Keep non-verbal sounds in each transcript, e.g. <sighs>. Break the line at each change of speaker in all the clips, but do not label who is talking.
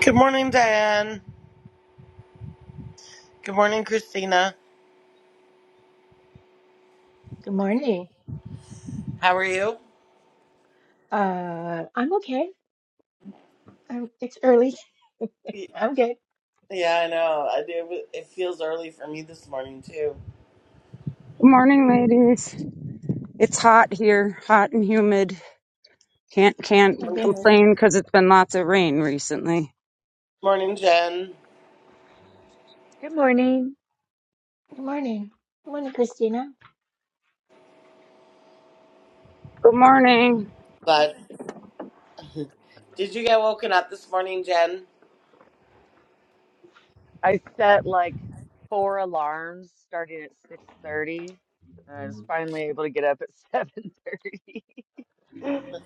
Good morning, Diane. Good morning, Christina.
Good morning.
How are you?
Uh, I'm okay. I'm, it's early.
Y-
I'm good.
Yeah, I know. I do. It feels early for me this morning too.
Good morning, ladies. It's hot here, hot and humid. Can't
I'm
can't
good. now.
complain because it's been lots of rain recently.
Morning, Jen.
Good morning.
Good morning. Good morning, Christina.
Good morning.
But did you get woken up this morning, Jen?
I set like four alarms starting at 6:30, and I was finally able to get up at <laughs> 7:30. It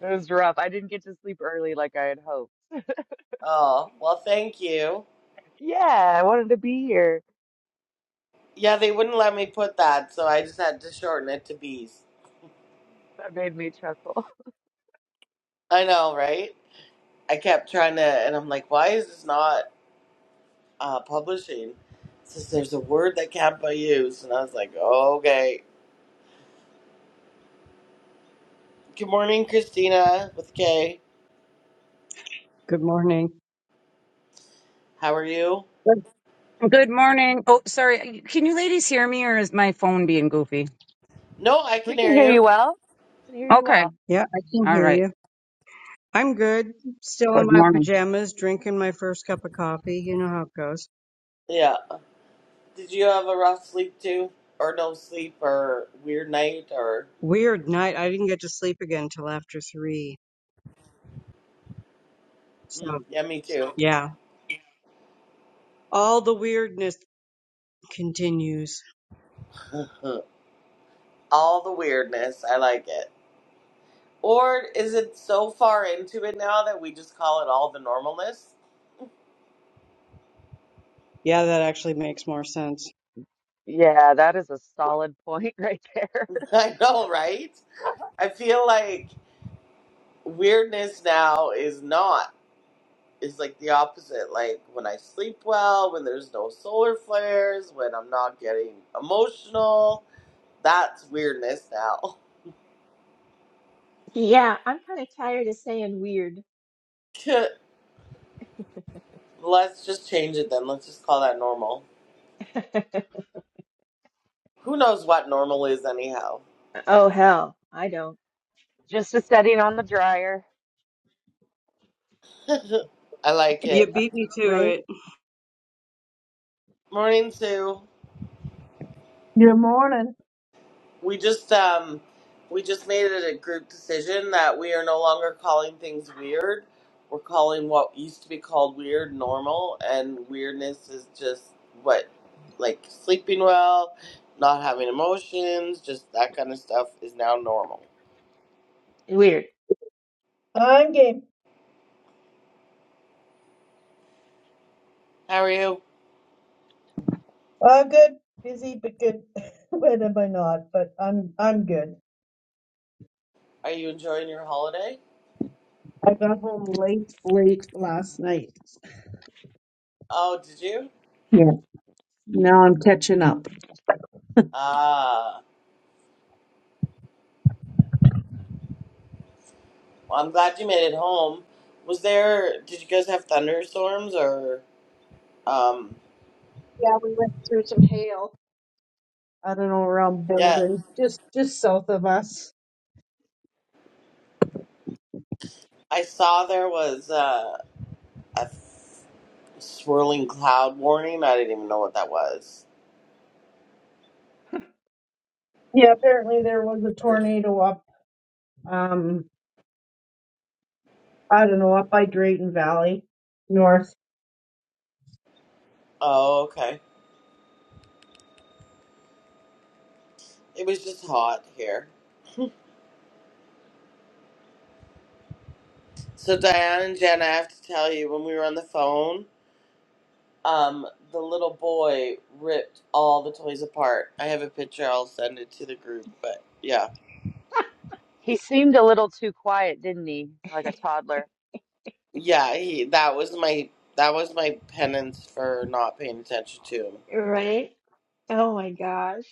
was rough. I didn't get to sleep early like I had hoped. <laughs>
Oh, well, thank you.
Yeah, I wanted to be here.
Yeah, they wouldn't let me put that, so I just had to shorten it to bees.
That made me chuckle.
I know, right? I kept trying to, and I'm like, why is this not uh, publishing? It says there's a word that can't be used, and I was like, okay. Good morning, Christina, with K.
Good morning.
How are you?
Good good morning. Oh, sorry. Can you ladies hear me, or is my phone being goofy?
No, I
<laughs> We
can
can
hear
hear
you.
you well. Can hear you
Okay.
well.
Yeah, I can
All
hear
right.
you. I'm good. Still in
Good
my
morning.
pajamas, drinking my first cup of coffee. You know how it goes.
Yeah. Did you have a rough sleep too? Or no sleep or weird night or
Weird night. I didn't get to sleep again till after three. So,
mm, yeah, me too.
yeah, all the weirdness continues.
<laughs> All the weirdness. I like it. Or is it so far into it now that we just call it all the normalness?
Yeah, that actually makes more sense.
Yeah, that is a solid point <laughs> right there.
<laughs> I know, right?
<laughs>
I feel like weirdness now is not. It's like the opposite. Like when I sleep well, when there's no solar flares, when I'm not getting emotional, That's weirdness now.
Yeah, I'm kind of tired of saying weird.
<laughs> Let's just change it then. Let's just call that normal.
<laughs>
Who knows what normal is anyhow?
Oh, hell. I don't.
Just a setting on the dryer.
<laughs> I like it.
You beat me to
Right?
it.
Morning, Sue.
Good morning.
We just um we just made it a group decision that we are no longer calling things weird. We're calling what used to be called weird normal and weirdness is just what like sleeping well, not having emotions, just that kind of stuff is now normal.
Weird.
I'm game.
How are you?
I'm good. Busy, but good. <laughs> Where am I not? But I'm I'm good.
Are you enjoying your holiday?
I got home late, late last night.
Oh, did you?
Yeah. Now I'm catching up.
Ah, well, I'm glad you made it home. Was there? Did you guys have thunderstorms or? Um,
I don't know around
yeah,
Bolden, just just south of us.
I saw there was uh, a swirling cloud warning. I didn't even know what that was.
Yeah. Apparently there was a tornado up. Um, I don't know up by Drayton Valley, north.
Oh, okay. It was just hot here. So Diane and Jen, I have to tell you, when we were on the phone, um, the little boy ripped all the toys apart. I have a picture. I'll send it to the group. But yeah.
He seemed a little too quiet, didn't he? Like a toddler.
Yeah, he, that was my that was my penance for not paying attention to him.
Right? Oh my gosh.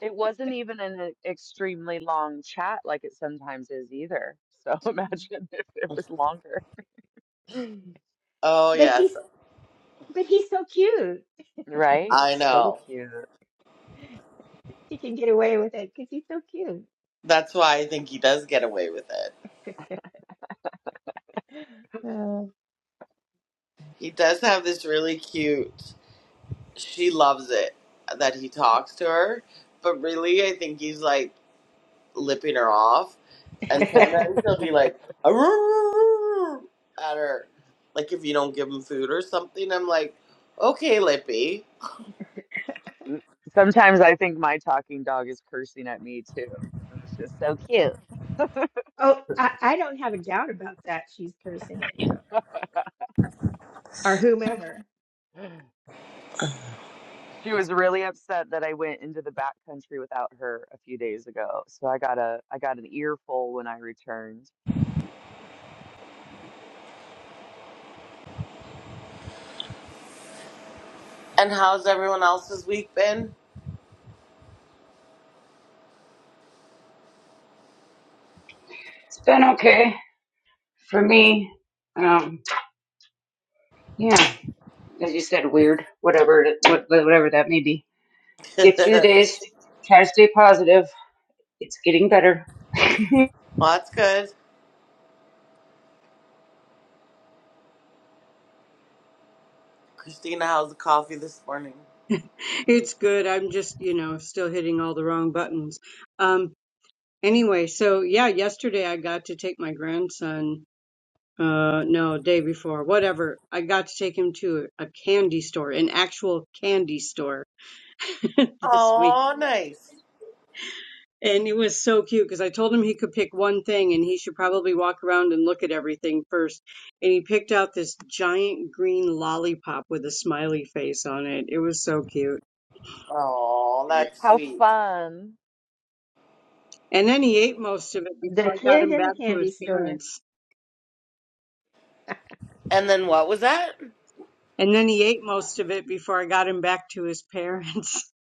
It wasn't even an e- extremely long chat like it sometimes is either. So <laughs> imagine if it was longer. <sighs>
Oh
But he's,
yes,
but he's so cute.
Right?
I
He's so
know.
cute.
He can get away with it because he's so cute.
That's why I think he does get away with it.
Uh,
He does have this really cute. She loves it that he talks to her, but really, I think he's like lipping her off, and sometimes he'll be like "Arrrrrrrrr," at her, like if you don't give him food or something. I'm like, okay, Lippy.
Mm, Sometimes I think my talking dog is cursing at me too. And It's just so cute.
<laughs> oh, I, I don't have a doubt about that. She's cursing at you or whomever.
<laughs> She was really upset that I went into the back country without her a few days ago. So I got a I got an earful when I returned.
And how's everyone else's week been?
It's been okay for me. Um, yeah, as you said, weird. Whatever, it- what- whatever that may be. Get
<laughs>
through the days. Try to stay positive. It's getting better. <laughs>
Well, that's good. Christina, how's the coffee this morning?
<laughs> It's good. I'm just, you know, still hitting all the wrong buttons. Um, anyway, so yeah, yesterday I got to take my grandson. Uh, no, day before, whatever. I got to take him to a candy store, an actual candy store <laughs> this week.
Oh, nice.
And it was so cute because I told him he could pick one thing and he should probably walk around and look at everything first. And he picked out this giant green lollipop with a smiley face on it. It was so cute.
Oh, that's
How
sweet.
fun.
And then he ate most of it before
The
I got
kid
him
in the
back to
candy
his
store. <laughs>
parents.
And then what was that?
And then he ate most of it before I got him back to his parents. <laughs>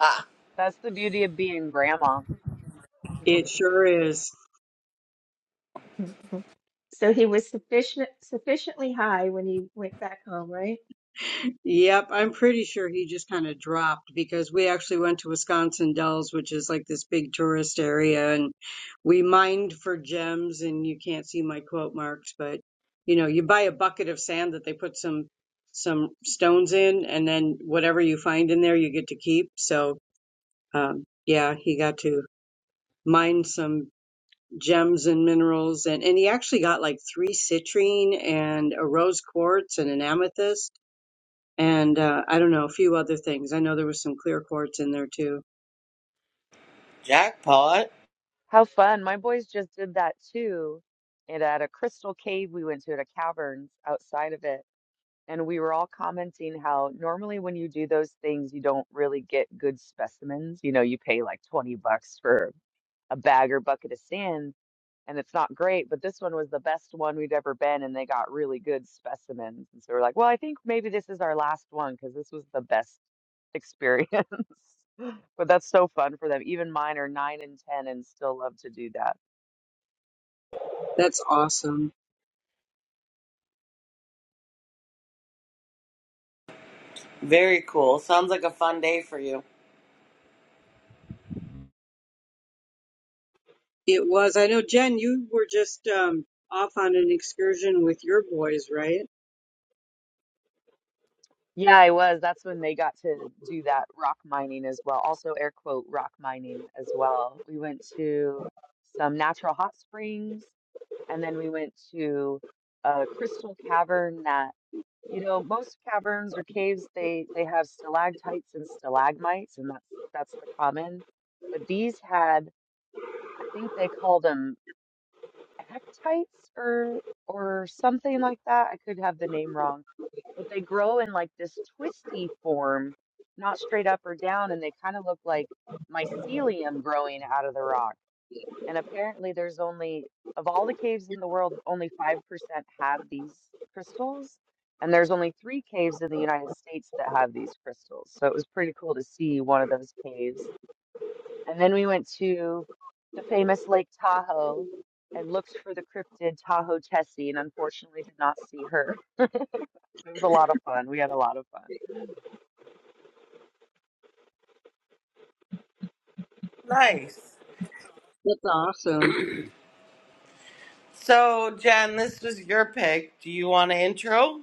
Ah,
That's the beauty of being grandma.
It sure is.
Mhm. So he was sufficient sufficiently high when he went back home, right?
Yep, I'm pretty sure he just kind of dropped because we actually went to Wisconsin Dells, which is like this big tourist area, and we mined for gems. And you can't see my quote marks, but you know, you buy a bucket of sand that they put some some stones in, and then whatever you find in there, you get to keep. So, um, yeah, he got to mine some gems and minerals, and and he actually got like three citrine and a rose quartz and an amethyst and uh, I don't know, a few other things. I know there was some clear quartz in there too.
jackpot.
How fun. My boys just did that too. And at a crystal cave we went to at a caverns outside of it. And we were all commenting how normally when you do those things, you don't really get good specimens. You know, you pay like 20 bucks for a bag or bucket of sand, and it's not great. But this one was the best one we'd ever been, and they got really good specimens. And so we're like, well, I think maybe this is our last one because this was the best experience. <laughs> But that's so fun for them. Even mine are nine and 10 and still love to do that.
That's awesome.
Very cool. Sounds like a fun day for you.
It was. I know, Jen, you were just um, off on an excursion with your boys, right?
Yeah, I was. That's when they got to do that rock mining as well. Also, air quote, rock mining as well. We went to some natural hot springs, and then we went to a crystal cavern that, you know, most caverns or caves, they they have stalactites and stalagmites, and that's that's the common. But these had, I think they called them hectites or or something like that. I could have the name wrong, but they grow in like this twisty form, not straight up or down, and they kind of look like mycelium growing out of the rock. And apparently, there's only of all the caves in the world, only 5% have these crystals. And there's only three caves in the United States that have these crystals. So it was pretty cool to see one of those caves and then we went to the famous Lake Tahoe and looked for the cryptid Tahoe Tessie, and unfortunately did not see her. <laughs> It was a lot of fun. We had a lot of fun.
Nice.
That's awesome.
So, Jen, this was your pick. Do you want an intro?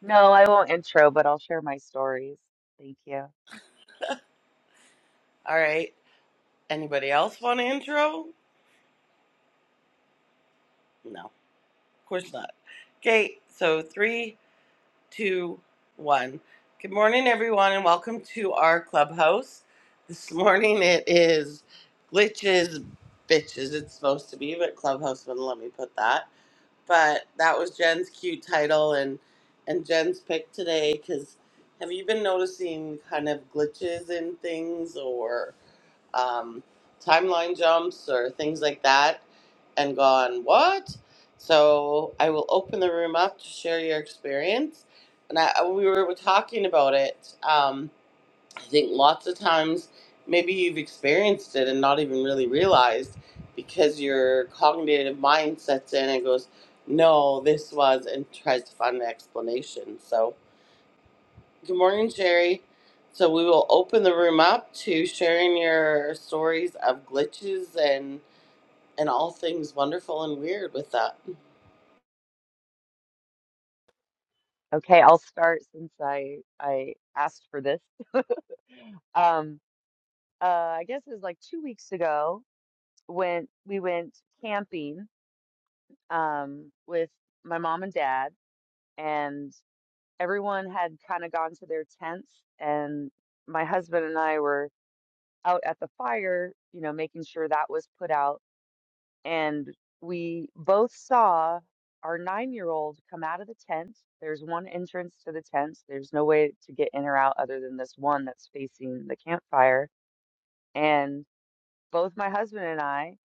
No, I won't intro, but I'll share my stories. Thank you.
All right. Anybody else want an intro? No, of course not. Okay, so three, two, one. Good morning, everyone, and welcome to our clubhouse. This <laughs> morning it is glitches, bitches. It's supposed to be, but clubhouse wouldn't let me put that. But that was Jen's cute title and and Jen's pick today. Cause have you been noticing kind of glitches in things or? um, timeline jumps or things like that and gone, what? So I will open the room up to share your experience. And I, we were talking about it. Um, I think lots of times maybe you've experienced it and not even really realized because your cognitive mind sets in and goes, no, this was, and tries to find an explanation. So Good morning, Sherry. So we will open the room up to sharing your stories of glitches and and all things wonderful and weird with that.
Okay, I'll start since I I asked for this. <laughs> Um, uh, I guess it was like two weeks ago when we went camping um with my mom and dad, and. everyone had kind of gone to their tents, and my husband and I were out at the fire, you know, making sure that was put out. And we both saw our nine year old come out of the tent. There's one entrance to the tent, there's no way to get in or out other than this one that's facing the campfire. And both my husband and I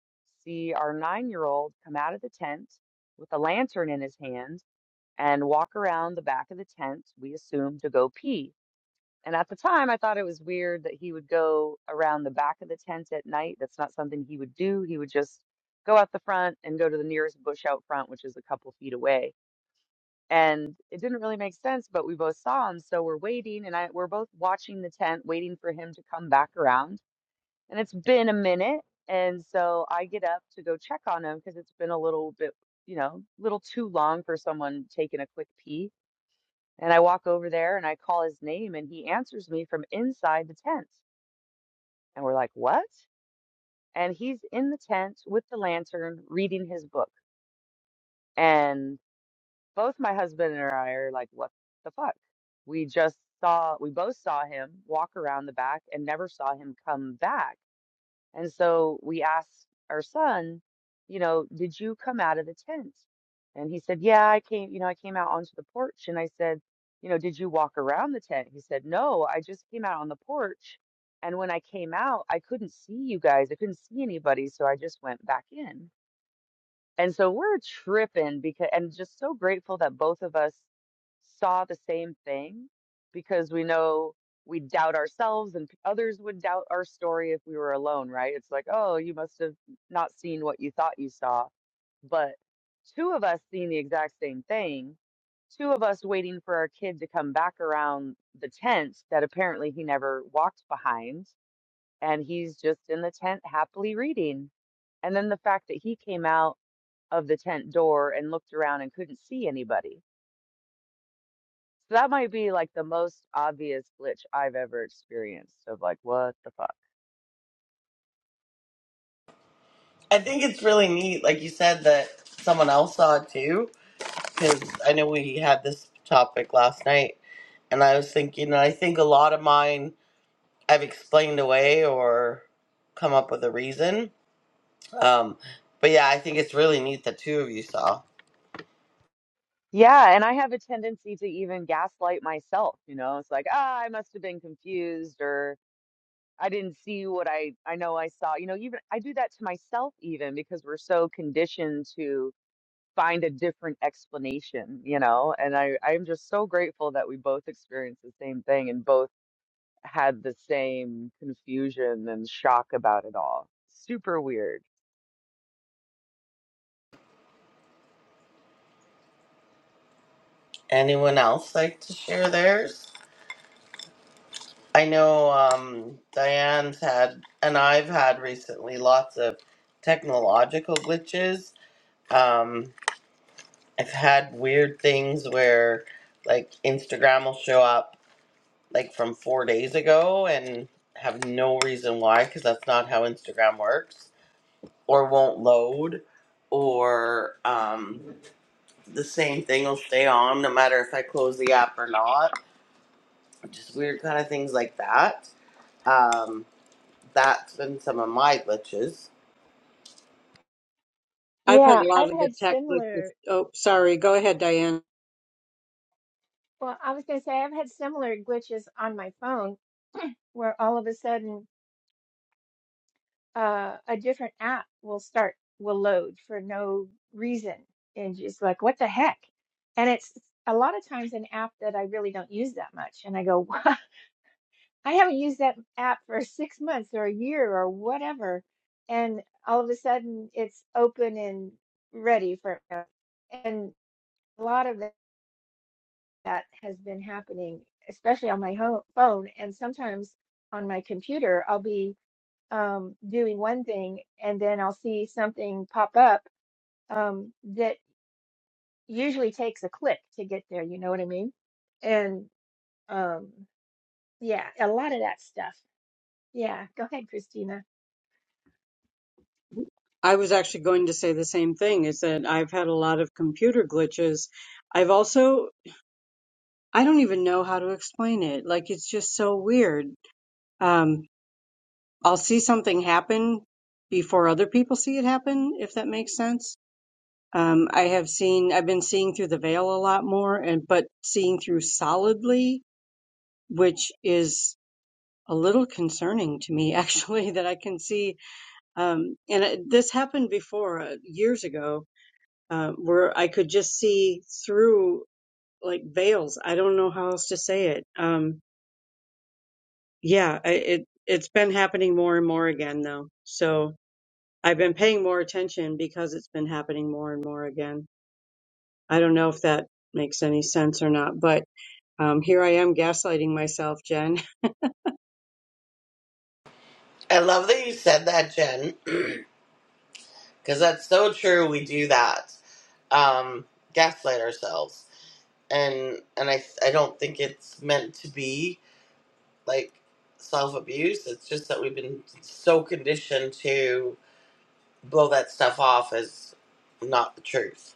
see our nine year old come out of the tent with a lantern in his hand and walk around the back of the tent, we assume, to go pee and at the time, I thought it was weird that he would go around the back of the tent at night. That's not something he would do. He would just go out the front and go to the nearest bush out front, which is a couple feet away. And it didn't really make sense, but we both saw him. So we're waiting and I, we're both watching the tent, waiting for him to come back around. And it's been a minute. And so I get up to go check on him because it's been a little bit, you know, little too long for someone taking a quick pee. And I walk over there and I call his name and he answers me from inside the tent. And we're like, what? And he's in the tent with the lantern reading his book. And both my husband and I are like, what the fuck? We just saw, we both saw him walk around the back and never saw him come back And so we asked our son, you know, did you come out of the tent? And he said, yeah, I came, you know, I came out onto the porch. And I said, you know, did you walk around the tent? He said, no, I just came out on the porch. And when I came out, I couldn't see you guys. I couldn't see anybody. So I just went back in. And so we're tripping because, and just so grateful that both of us saw the same thing because we know we doubt ourselves and p- others would doubt our story if we were alone, right? It's like, oh, you must have not seen what you thought you saw. But two of us seeing the exact same thing, two of us waiting for our kid to come back around the tent that apparently he never walked behind. And he's just in the tent happily reading. And then the fact that he came out of the tent door and looked around and couldn't see anybody. So that might be like the most obvious glitch I've ever experienced of like, what the fuck?
I think it's really neat, like you said, that someone else saw it too, because I know we had this topic last night, and I was thinking, and I think a lot of mine I've explained away or come up with a reason. Um, but yeah, I think it's really neat that two of you saw.
Yeah, and I have a tendency to even gaslight myself, you know? It's like, ah, I must have been confused or I didn't see what I I know I saw. You know, even I do that to myself even because we're so conditioned to find a different explanation, you know? And I I'm just so grateful that we both experienced the same thing and both had the same confusion and shock about it all. Super weird.
Anyone else like to share theirs? I know um, Diane's had, and I've had recently lots of technological glitches. Um, I've had weird things where, like, Instagram will show up, like, from four days ago and have no reason why, because that's not how Instagram works, or won't load, or um, the same thing will stay on no matter if I close the app or not. Just weird kind of things like that. Um, That's been some of my glitches.
I've had
Yeah,
a
I've
lot of the
had
tech. Like this.
similar,
Oh, sorry. Go ahead, Diane.
well, I was going to say I've had similar glitches on my phone where all of a sudden uh, a different app will start, will load for no reason. And just like, what the heck? And it's a lot of times an app that I really don't use that much. And I go, <laughs> I haven't used that app for <laughs> six months or a year or whatever. And all of a sudden it's open and ready for and a lot of that has been happening, especially on my home phone and sometimes on my computer. I'll be um, doing one thing and then I'll see something pop up um, that usually takes a click to get there. You know what I mean? And um, yeah, a lot of that stuff. Yeah, go ahead, Christina.
I was actually going to say the same thing is that I've had a lot of computer glitches. I've also, I don't even know how to explain it. Like, it's just so weird. Um, I'll see something happen before other people see it happen, if that makes sense. Um, I have seen, I've been seeing through the veil a lot more, and but seeing through solidly, which is a little concerning to me, <laughs> actually, that I can see. Um, and it, this happened before uh, years ago, uh, where I could just see through like veils. I don't know how else to say it. Um, yeah, I, it it's been happening more and more again, though. So I've been paying more attention because it's been happening more and more again. I don't know if that makes any sense or not, but um, here I am gaslighting myself, Jen.
I love that you said that, Jen, <clears throat> because that's so true. We do that, um, gaslight ourselves, and and I I don't think it's meant to be like self abuse. It's just that we've been so conditioned to blow that stuff off as not the truth.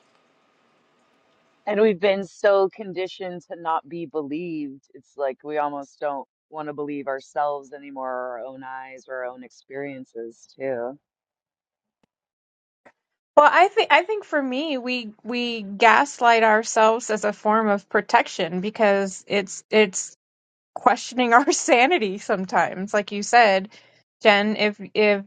And we've been so conditioned to not be believed. It's like we almost don't want to believe ourselves anymore, our own eyes, our own experiences, too.
Well, I think I think for me, we we gaslight ourselves as a form of protection because it's it's questioning our <laughs> sanity sometimes. Like you said, Jen, if if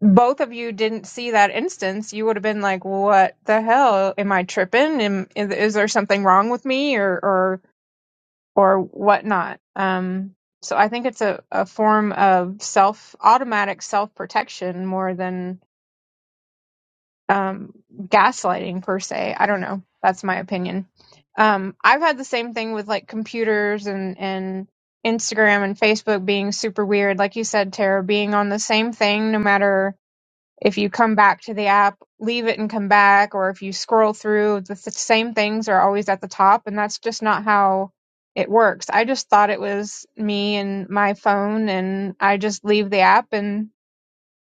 both of you didn't see that instance, you would have been like, "What the hell? Am I tripping? Am, is, is there something wrong with me, or or or whatnot?" Um, so I think it's a, a form of self automatic self protection more than um, gaslighting per se. I don't know. That's my opinion. Um, I've had the same thing with like computers and and Instagram and Facebook being super weird. Like you said, Tara, being on the same thing, no matter if you come back to the app, leave it and come back, or if you scroll through, the s- same things are always at the top, and that's just not how it works. I just thought it was me and my phone, and I just leave the app and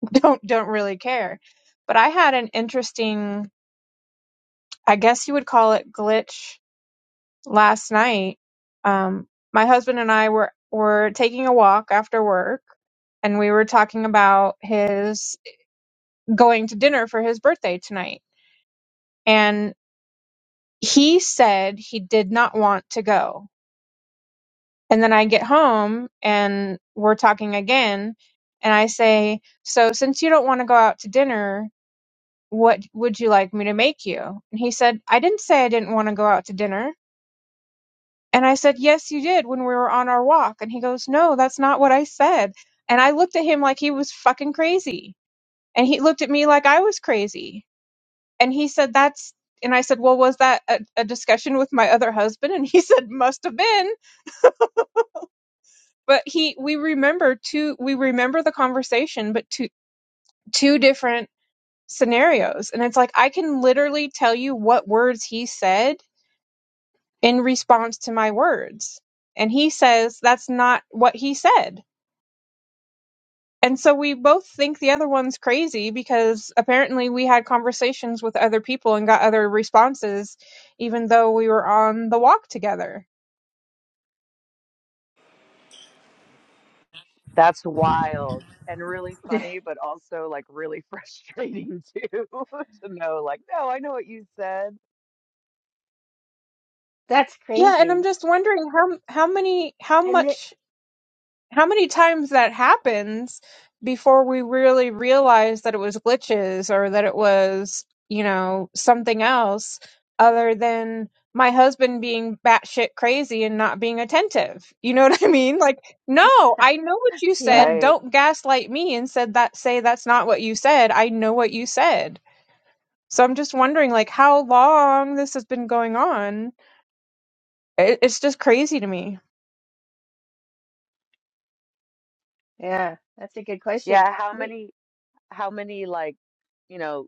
<laughs> don't don't really care. But I had an interesting I guess you would call it glitch last night. Um, my husband and I were, were taking a walk after work and we were talking about his going to dinner for his birthday tonight. And he said he did not want to go. And then I get home and we're talking again. And I say, So since you don't want to go out to dinner, what would you like me to make you? And he said, I didn't say I didn't want to go out to dinner. And I said, Yes, you did when we were on our walk. And he goes, No, that's not what I said. And I looked at him like he was fucking crazy. And he looked at me like I was crazy. And he said, That's, and I said, Well, was that a, a discussion with my other husband? And he <laughs> said, Must have been. But he, we remember two, we remember the conversation, but two, two different scenarios. And it's like, I can literally tell you what words he said in response to my words. And he says, That's not what he said And so we both think the other one's crazy because apparently we had conversations with other people and got other responses, even though we were on the walk together.
That's wild and really
<laughs>
funny, but also like really <laughs> frustrating, too, <laughs> to know, like, no, I know what you said.
That's
Yeah, and I'm
crazy.
just wondering how how many how
And it,
much how many times that happens before we really realize that it was glitches or that it was, you know, something else other than my husband being batshit crazy and not being attentive. You know <laughs> what I mean? Like, no, I know what you
yeah,
said.
Right.
Don't gaslight me and said that say that's not what you said. I know what you said. So I'm just wondering like how long this has been going on. It, it's just crazy to me.
yeah, that's a good question.
Yeah. How
We,
many? how many like you know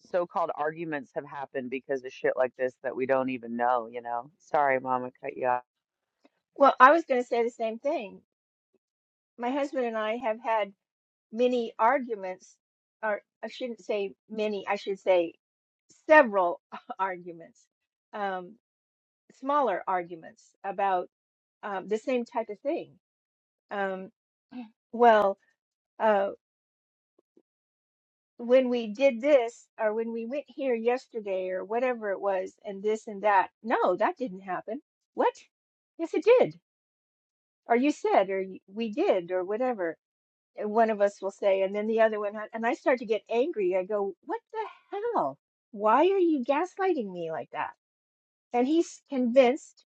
so-called arguments have happened because of shit like this that we don't even know you know sorry mom i cut you off
well, I was going to say the same thing. My husband and I have had many arguments, or I shouldn't say many, I should say several <laughs> arguments, um, smaller arguments about um, the same type of thing. Um, well, uh, when we did this, or when we went here yesterday, or whatever it was, and this and that, no, that didn't happen. What? Yes, it did. or you said, or y- we did, or whatever. And one of us will say, and then the other one, and I start to get angry. I go, what the hell? Why are you gaslighting me like that? And he's convinced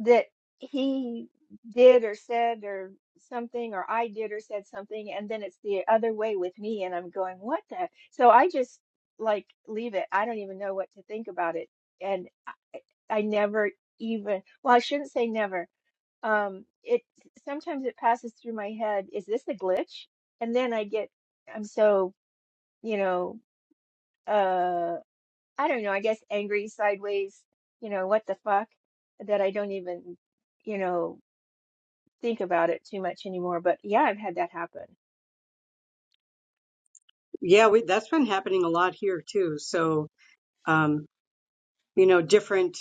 that he did or said or something, or I did or said something, and then it's the other way with me. And I'm going, what the? So I just like leave it. I don't even know what to think about it. And I, I never even, well, I shouldn't say never um it sometimes it passes through my head is this a glitch and then i get i'm so you know uh i don't know i guess angry sideways you know what the fuck that i don't even you know think about it too much anymore but yeah i've had that happen
<laughs> yeah, we, that's been happening a lot here too. So, um, you know, different.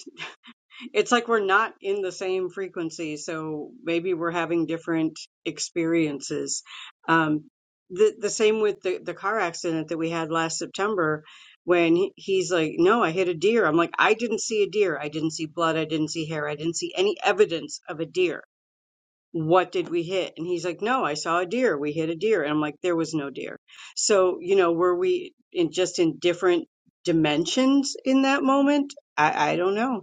It's like we're not in the same frequency, so maybe we're having different experiences. Um, the the same with the the car accident that we had last September, when he- he's like, "No, I hit a deer." I'm like, "I didn't see a deer. I didn't see blood. I didn't see hair. I didn't see any evidence of a deer. What did we hit?" And he's like, "No, I saw a deer. We hit a deer." And I'm like, "There was no deer." So you know, were we in just in different dimensions in that moment? I, I don't know.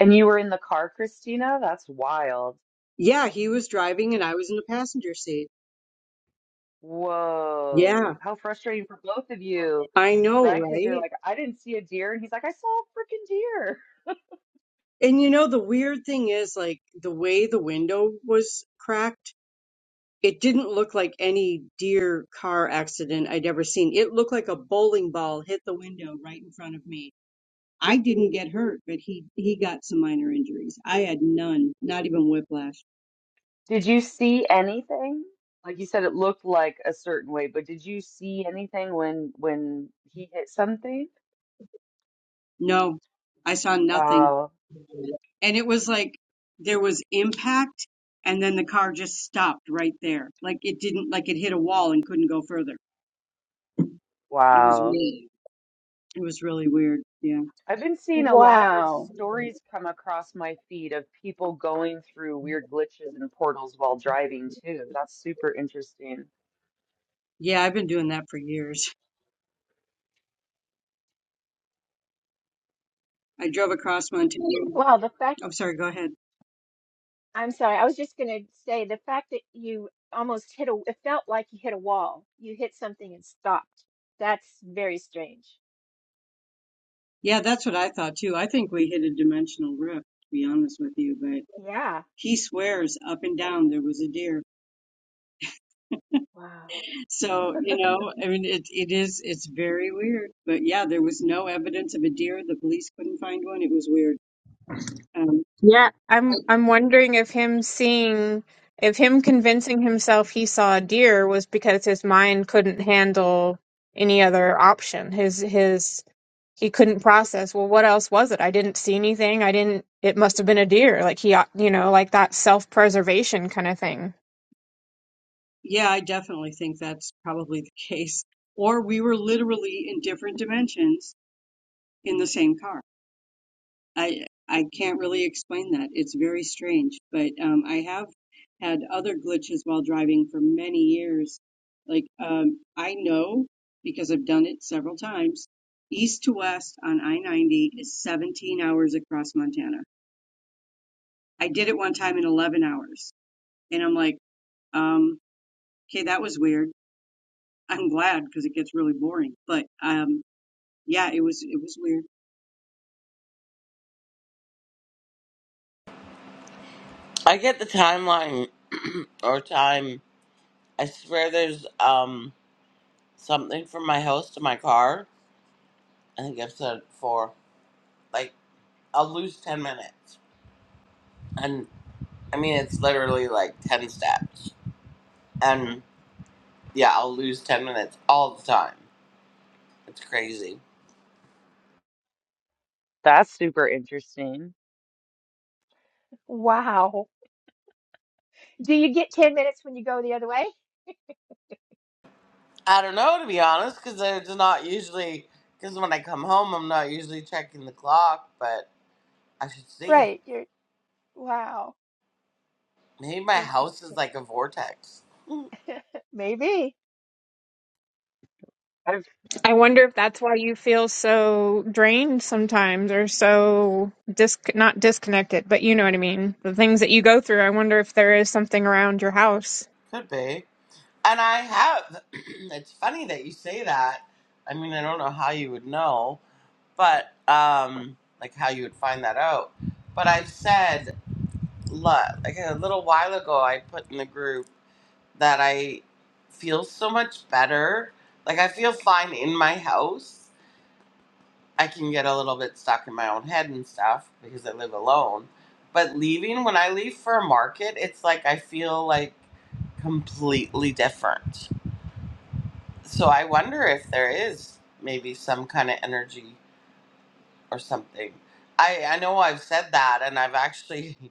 and you were in the car christina that's wild
Yeah, he was driving and I was in the passenger seat. Yeah,
whoa how frustrating for both of you
I know,
right because you're
right?
like i didn't see a deer and he's like i saw a freaking deer
And you know, the weird thing is, like, the way the window was cracked, it didn't look like any deer car accident I'd ever seen. It looked like a bowling ball hit the window right in front of me. I didn't get hurt, but he he got some minor injuries. I had none, not even whiplash.
did you see anything like you said it looked like a certain way but did you see anything when when he hit something
No, I saw nothing.
wow
And it was like there was impact and then the car just stopped right there. Like it didn't like it hit a wall and couldn't go further. It was
wow
really it was really weird. Yeah.
I've been seeing a lot of
Wow.
stories come across my feed of people going through weird glitches and portals while driving too. That's super interesting.
Yeah, I've been doing that for years. I drove across Montana.
Wow, the fact,
I'm sorry, go ahead.
I'm sorry, I was just going to say the fact that you almost hit a, it felt like you hit a wall. You hit something and stopped. That's very strange.
Yeah, that's what I thought too. I think we hit a dimensional rift, to be honest with you, but
Yeah.
he swears up and
So-
down there was a deer.
Wow.
So, you know, I mean, it, it is, it's very weird. But yeah, there was no evidence of a deer. The police couldn't find one. It was weird. Um,
Yeah, I'm I'm wondering if him seeing if him convincing himself he saw a deer was because his mind couldn't handle any other option. His his he couldn't process, well, what else was it? I didn't see anything. I didn't it must have been a deer. Like he, ought- you know, like that self-preservation kind of thing.
yeah, I definitely think that's probably the case. Or we were literally in different dimensions in the same car. I I can't really explain that. It's very strange, but um, I have had other glitches while driving for many years. Like um, I know because I've done it several times. East to west on I-90 is 17 hours across Montana. I did it one time in 11 hours, and I'm like, um, okay, that was weird. <laughs> I'm glad because it gets really boring. But um, yeah, it was it was weird.
I get the timeline <clears throat> or time. I swear there's um something from my house to my car. I think I've said it before. like. I'll lose 10 minutes. And I mean, it's literally like 10 steps. And yeah, I'll lose 10 minutes all the time. It's crazy.
That's super interesting.
Wow. Do you get 10 minutes when you go the other way?
I don't know, to be honest, because it's not usually, because when I come home, I'm not usually checking the clock, but I should see.
Right. You're wow.
Maybe my
Interesting.
house is like a vortex. Hmm,
<laughs> Maybe.
I've
I wonder if that's why you feel so drained sometimes or so dis not disconnected, but you know what I mean. The things that you go through, I wonder if there is something around your house.
Could be. And I have, <clears throat> it's funny that you say that. I mean, I don't know how you would know, but, um, like how you would find that out. But I've said like a little while ago I put in the group that I feel so much better. Like I feel fine in my house. I can get a little bit stuck in my own head and stuff because I live alone. But leaving when I leave for a market, it's like I feel like completely different. So I wonder if there is maybe some kind of energy or something. I I know I've said that and I've actually <laughs>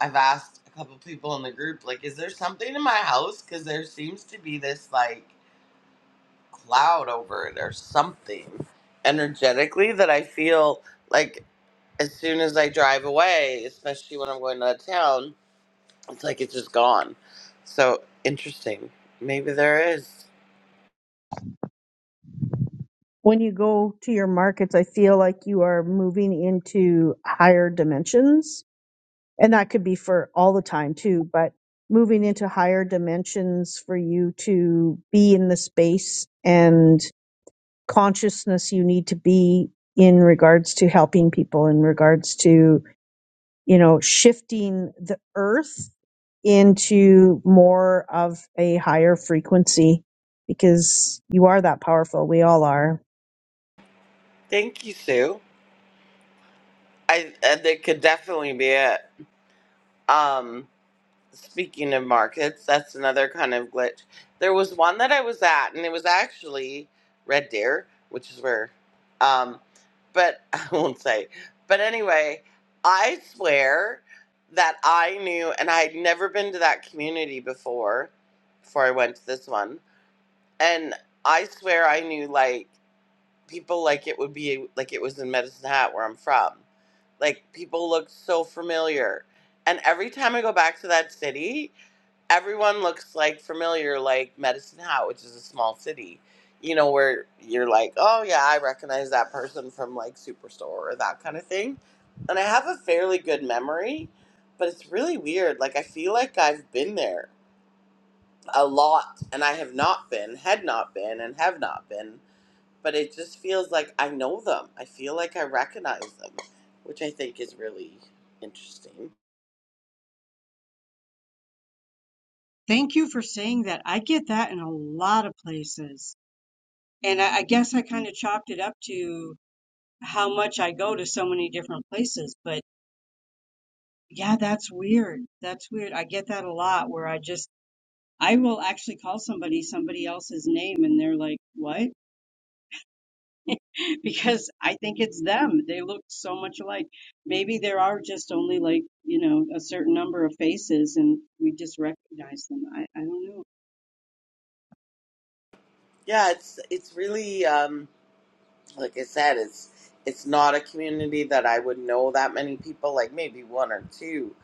I've asked a couple people in the group, like, is there something in my house? Because there seems to be this like cloud over it or something energetically that I feel like as soon as I drive away, especially when I'm going out of town, it's like it's just gone. So interesting. Maybe there is.
When you go to your markets, I feel like you are moving into higher dimensions and that could be for all the time too but moving into higher dimensions for you to be in the space and consciousness you need to be in regards to helping people in regards to you know shifting the earth into more of a higher frequency because you are that powerful we all are
Thank you, Sue. I and it could definitely be it. Um, Speaking of markets, that's another kind of glitch. There was one that I was at, and it was actually Red Deer, which is where, um, but <laughs> I won't say. But anyway, I swear that I knew, and I had never been to that community before, before I went to this one, and I swear I knew like people like it would be like it was in Medicine Hat where I'm from. Like people looked so familiar, and every time I go back to that city everyone looks like familiar, like Medicine Hat, which is a small city, you know, where you're like, oh yeah, I recognize that person from like Superstore or that kind of thing. And I have a fairly good memory, but it's really weird. Like, I feel like I've been there a lot and I have not been, had not been, and have not been, but it just feels like I know them. I feel like I recognize them, which I think is really interesting.
Thank you for saying that. I get that in a lot of places. And I, I guess I kind of chopped it up to how much I go to so many different places. But yeah, that's weird. That's weird. I get that a lot where I just, I will actually call somebody somebody else's name and they're like, what? <laughs> Because I think it's them. They look so much alike. Maybe there are just only like, you know, a certain number of faces and we just recognize them. I, I don't know.
Yeah, it's it's really um like I said, it's it's not a community that I would know that many people, like maybe one or two,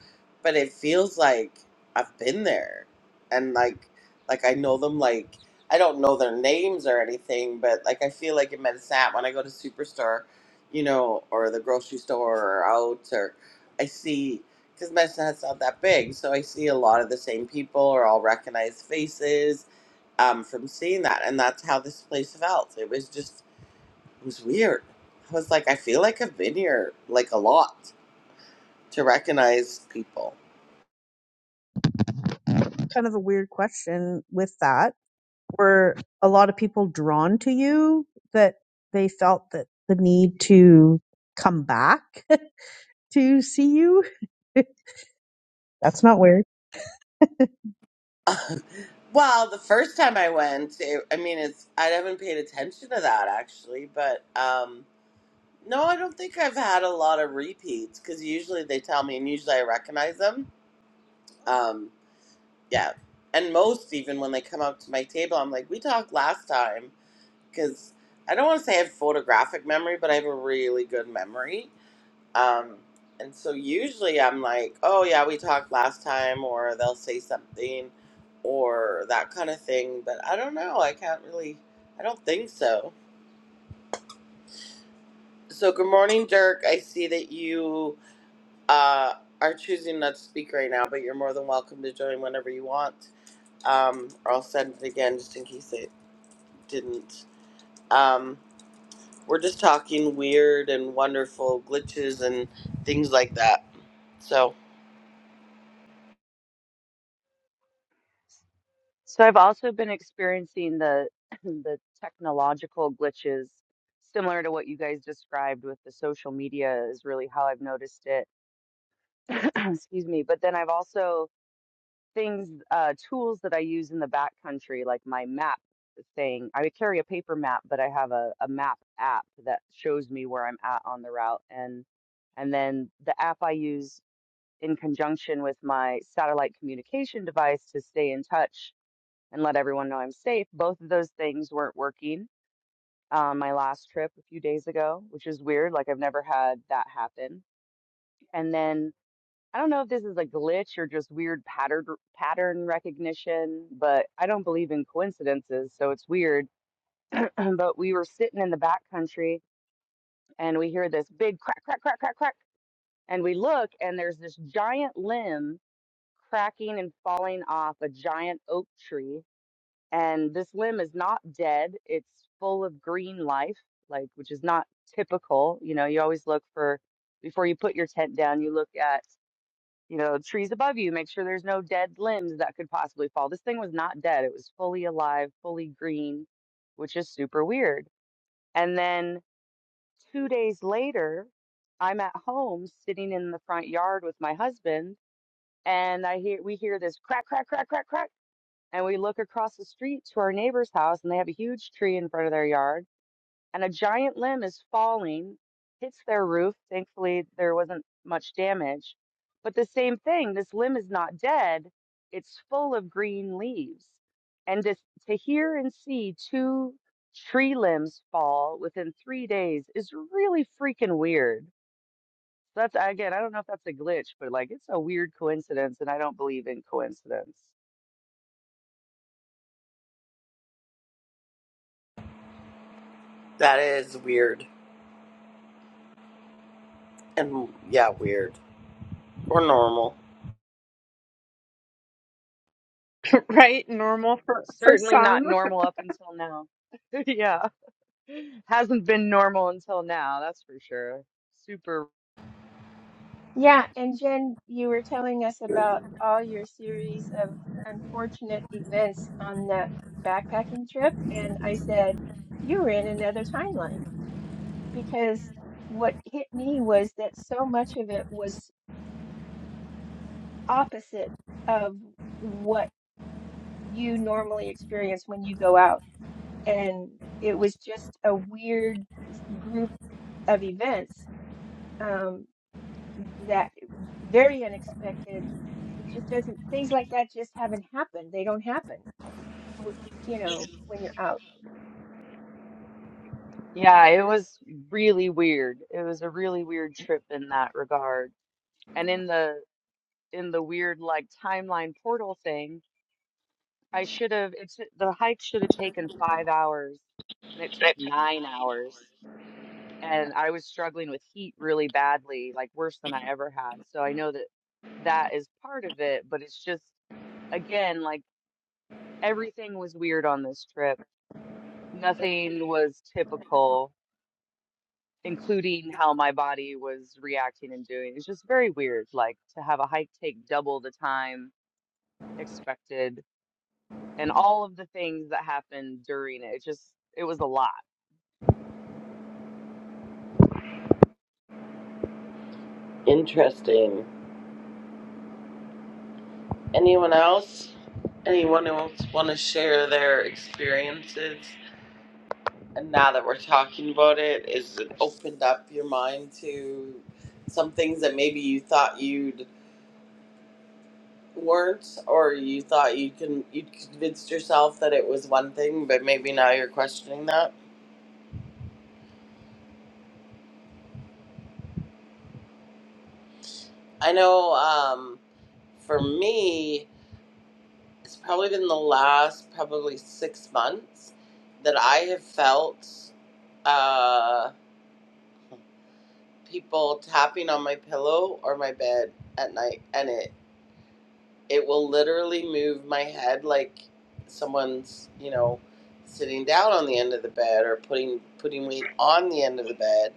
but it feels like I've been there, and like like I know them. Like I don't know their names or anything, but like I feel like in Medisat when I go to Superstore, you know, or the grocery store or out, or I see because Medisat's not that big, so I see a lot of the same people or all recognized faces um, from seeing that, and that's how this place felt. It was just it was weird. I was like, I feel like I've been here like a lot to recognize people.
kind of a weird question with that were a lot of people drawn to you that they felt that the need to come back <laughs> to see you? <laughs> That's not weird.
<laughs> well, the first time I went, it, I mean, it's I haven't paid attention to that actually, but um, no, I don't think I've had a lot of repeats because usually they tell me, and usually I recognize them. Um, yeah, and most even when they come up to my table, I'm like, we talked last time because I don't want to say I have photographic memory, but I have a really good memory. Um, and so usually I'm like, oh yeah, we talked last time, or they'll say something, or that kind of thing. But I don't know. I can't really. I don't think so. So good morning, Dirk. I see that you uh, are choosing not to speak right now, but you're more than welcome to join whenever you want. Um, or I'll send it again just in case it didn't. Um, we're just talking weird and wonderful glitches and things like that. So
so I've also been experiencing the <clears throat> the technological glitches similar to what you guys described with the social media is really how I've noticed it. <clears throat> Excuse me. But then I've also things, uh, tools that I use in the backcountry, like my map thing. I carry a paper map, but I have a, a map app that shows me where I'm at on the route. And and then the app I use in conjunction with my satellite communication device to stay in touch and let everyone know I'm safe. Both of those things weren't working on my last trip a few days ago, which is weird. Like I've never had that happen. And then I don't know if this is a glitch or just weird pattern pattern recognition, but I don't believe in coincidences, so it's weird. <clears throat> but we were sitting in the back country and we hear this big crack, crack, crack, crack, crack, and we look and there's this giant limb cracking and falling off a giant oak tree, and this limb is not dead; it's full of green life, like which is not typical. You know, you always look for before you put your tent down, you look at you know, trees above you, make sure there's no dead limbs that could possibly fall. This thing was not dead. It was fully alive, fully green, which is super weird. And then two days later, I'm at home sitting in the front yard with my husband, and I hear we hear this crack, crack, crack, crack, crack. And we look across the street to our neighbor's house, and they have a huge tree in front of their yard and a giant limb is falling, hits their roof. Thankfully, there wasn't much damage. But the same thing, this limb is not dead, it's full of green leaves. And to, to hear and see two tree limbs fall within three days is really freaking weird. So that's again, I don't know if that's a glitch, but like it's a weird coincidence, and I don't believe in coincidence.
that is weird. And yeah, weird or normal.
right? Normal for for
Certainly not
some.
normal up until now. <laughs> yeah. Hasn't been normal until now, that's for sure. Super.
Yeah, and Jen, you were telling us about all your series of unfortunate events on that backpacking trip, and I said, you're in another timeline because what hit me was that so much of it was opposite of what you normally experience when you go out. And it was just a weird group of events um, that very unexpected. It just doesn't, things like that just haven't happened. They don't happen, w- you know, when you're out.
Yeah, it was really weird. It was a really weird trip in that regard. And in the in the weird like timeline portal thing, I should have it's the hike should have taken five hours and it took nine hours. And I was struggling with heat really badly, like worse than I ever had. So I know that that is part of it, but it's just again, like everything was weird on this trip nothing was typical, including how my body was reacting and doing. It's just very weird, like to have a hike take double the time expected and all of the things that happened during it. It just, it was a lot.
Interesting. Anyone else? Anyone else want to share their experiences? And now that we're talking about it, is it opened up your mind to some things that maybe you thought you'd weren't, or you thought you can you convinced yourself that it was one thing, but maybe now you're questioning that. I know um, for me, it's probably been the last probably six months that I have felt uh, people tapping on my pillow or my bed at night, and it it will literally move my head like someone's you know sitting down on the end of the bed or putting putting weight on the end of the bed,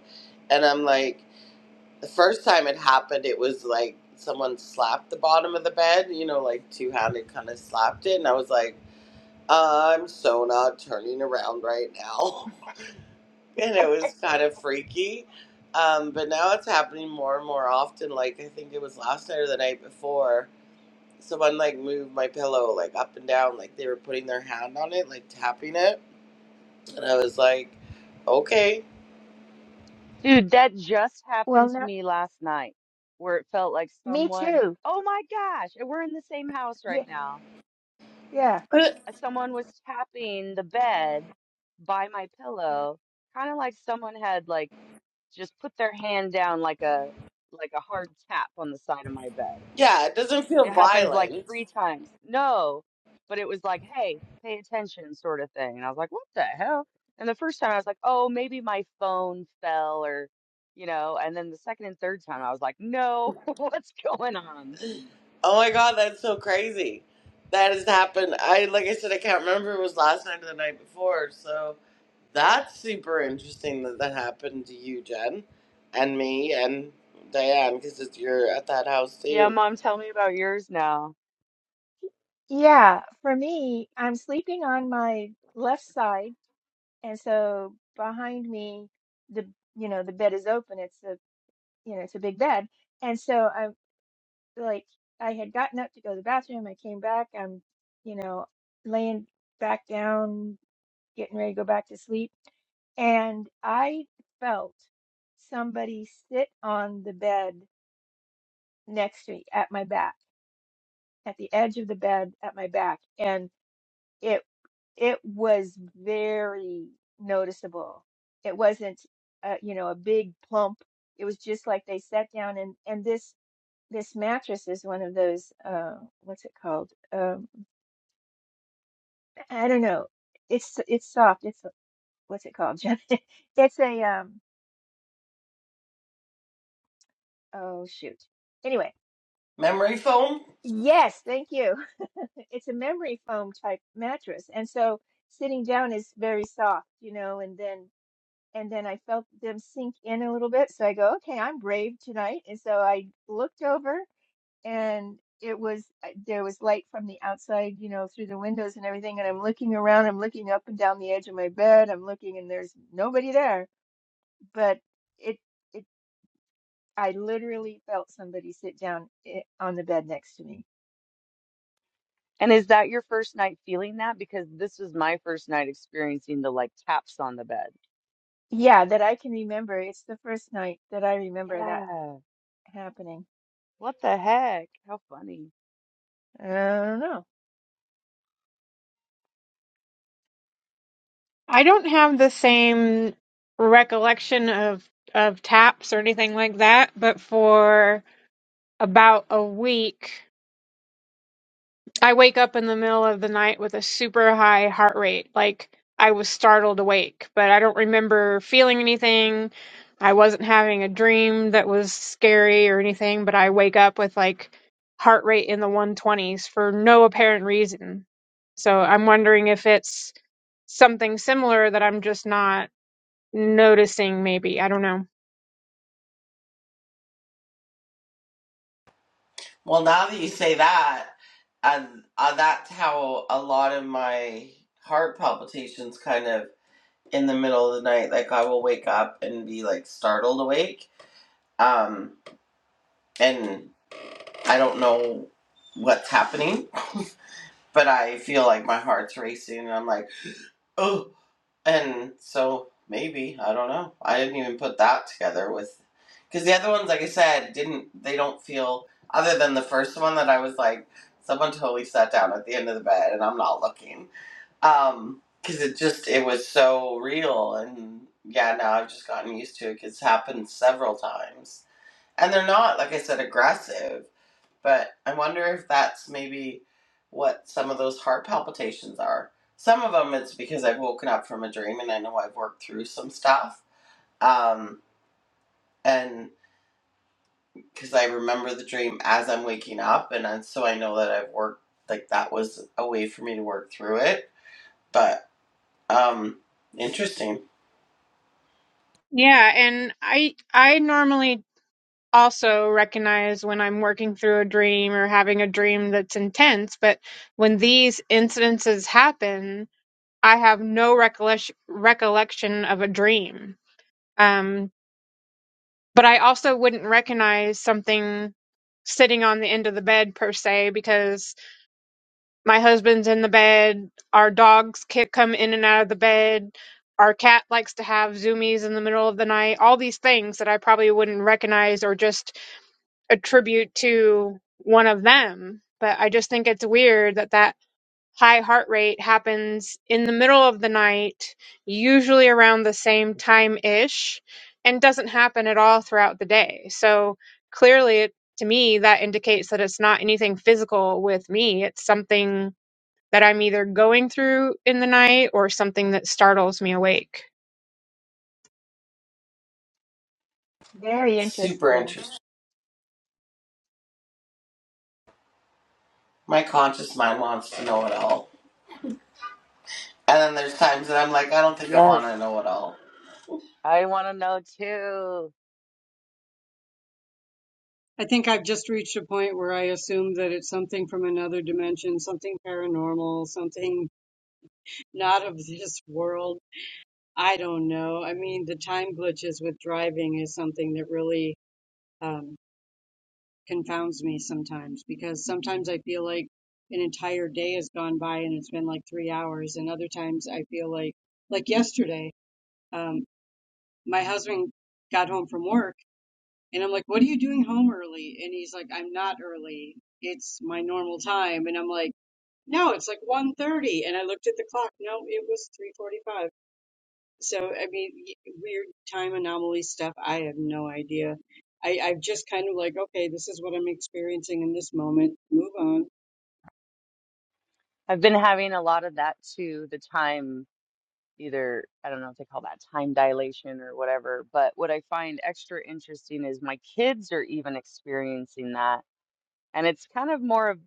and I'm like the first time it happened, it was like someone slapped the bottom of the bed, you know, like two handed kind of slapped it, and I was like I'm so not turning around right now. <laughs> and it was kind of freaky. Um, but now it's happening more and more often. Like, I think it was last night or the night before. Someone like moved my pillow like up and down, like they were putting their hand on it, like tapping it. And I was like, okay.
Dude, that just
Well,
happened to
not
me last night where it felt like
me
someone,
too.
oh my gosh, and we're in the same house right
Yeah,
now.
yeah,
But
Uh, Someone was tapping the bed by my pillow, kind of like someone had like just put their hand down like a like a hard tap on the side of my bed.
yeah, it doesn't feel
It happens like
violent.
three times. No, but it was like, hey, pay attention, sort of thing. And I was like, what the hell? And the first time I was like, oh, maybe my phone fell or, you know. And then the second and third time I was like, no, <laughs> what's going on?
Oh my God, that's so crazy. That has happened. I, like I said, I can't remember if it was last night or the night before. So that's super interesting that that happened to you, Jen, and me, and Diane, because you're at that house
Yeah,
too.
mom, tell me about yours now.
yeah. For me, I'm sleeping on my left side, and so behind me, the you know the bed is open. It's a you know it's a big bed, and so I'm. like I had gotten up to go to the bathroom. I came back. I'm, you know, laying back down, getting ready to go back to sleep. And I felt somebody sit on the bed next to me at my back, at the edge of the bed at my back. And it, it was very noticeable. It wasn't, uh, you know, a big plump. It was just like they sat down and, and this this mattress is one of those uh what's it called um i don't know it's it's soft it's a- what's it called Jeff? <laughs> it's a um oh shoot anyway
Memory foam?
yes thank you <laughs> it's a memory foam type mattress and so sitting down is very soft you know and then and then i felt them sink in a little bit so i go okay i'm brave tonight and so i looked over and it was there was light from the outside, you know, through the windows and everything. And I'm looking around, I'm looking up and down the edge of my bed, I'm looking, and there's nobody there. But it it I literally felt somebody sit down i- on the bed next to me.
And is that your first night feeling that? Because this was my first night experiencing the like taps on the bed.
Yeah, that I can remember. It's the first night that I remember that
Yeah.
happening.
What the heck? How funny.
I don't know.
I don't have the same recollection of of taps or anything like that, but for about a week I wake up in the middle of the night with a super high heart rate, like I was startled awake, but I don't remember feeling anything. I wasn't having a dream that was scary or anything, but I wake up with like heart rate in the 120s for no apparent reason. So I'm wondering if it's something similar that I'm just not noticing maybe. I don't know.
Well, now that you say that, and uh, that's how a lot of my heart palpitations kind of in the middle of the night, like I will wake up and be like startled awake. Um, and I don't know what's happening, but I feel like my heart's racing and I'm like, oh. And so maybe, I don't know. I didn't even put that together with, because the other ones, like I said, didn't, they don't feel, other than the first one that I was like, someone totally sat down at the end of the bed and I'm not looking. Um, because it just, it was so real. And yeah, now I've just gotten used to it because it's happened several times. And they're not, like I said, aggressive but I wonder if that's maybe what some of those heart palpitations are. Some of them it's because I've woken up from a dream and I know I've worked through some stuff. Um, and because I remember the dream as I'm waking up, and then, so I know that I've worked, like that was a way for me to work through it. But um, interesting,
Yeah, and I I normally also recognize when I'm working through a dream or having a dream that's intense. But when these incidences happen, I have no recollection recollection of a dream. Um, but I also wouldn't recognize something sitting on the end of the bed per se because my husband's in the bed, our dogs kick come in and out of the bed, our cat likes to have zoomies in the middle of the night, all these things that I probably wouldn't recognize or just Attribute to one of them. But I just think it's weird that that high heart rate happens in the middle of the night, usually around the same time ish, and doesn't happen at all throughout the day. So clearly, it, to me, that indicates that it's not anything physical with me. It's something that I'm either going through in the night or something that startles me awake.
Very
super
interesting.
interesting. My conscious mind wants to know it all. And then there's times that I'm like, I don't think I want
Yes,
to know it all.
I want to know too.
I think I've just reached a point where I assume that it's something from another dimension, something paranormal, something not of this world. I don't know. I mean, the time glitches with driving is something that really um, confounds me sometimes because sometimes I feel like an entire day has gone by and it's been like three hours, and other times I feel like, like yesterday, um, my husband got home from work and I'm like, What are you doing home early? And he's like, I'm not early. It's my normal time. And I'm like, no, it's like 1:30 and I looked at the clock. No, it was 3:45 So, I mean, y- weird time anomaly stuff, I have no idea. I, I've just kind of like, okay, this is what I'm experiencing in this moment. Move on.
I've been having a lot of that too, the time, either, I don't know if they call that time dilation or whatever, but what I find extra interesting is my kids are even experiencing that. And it's kind of more of,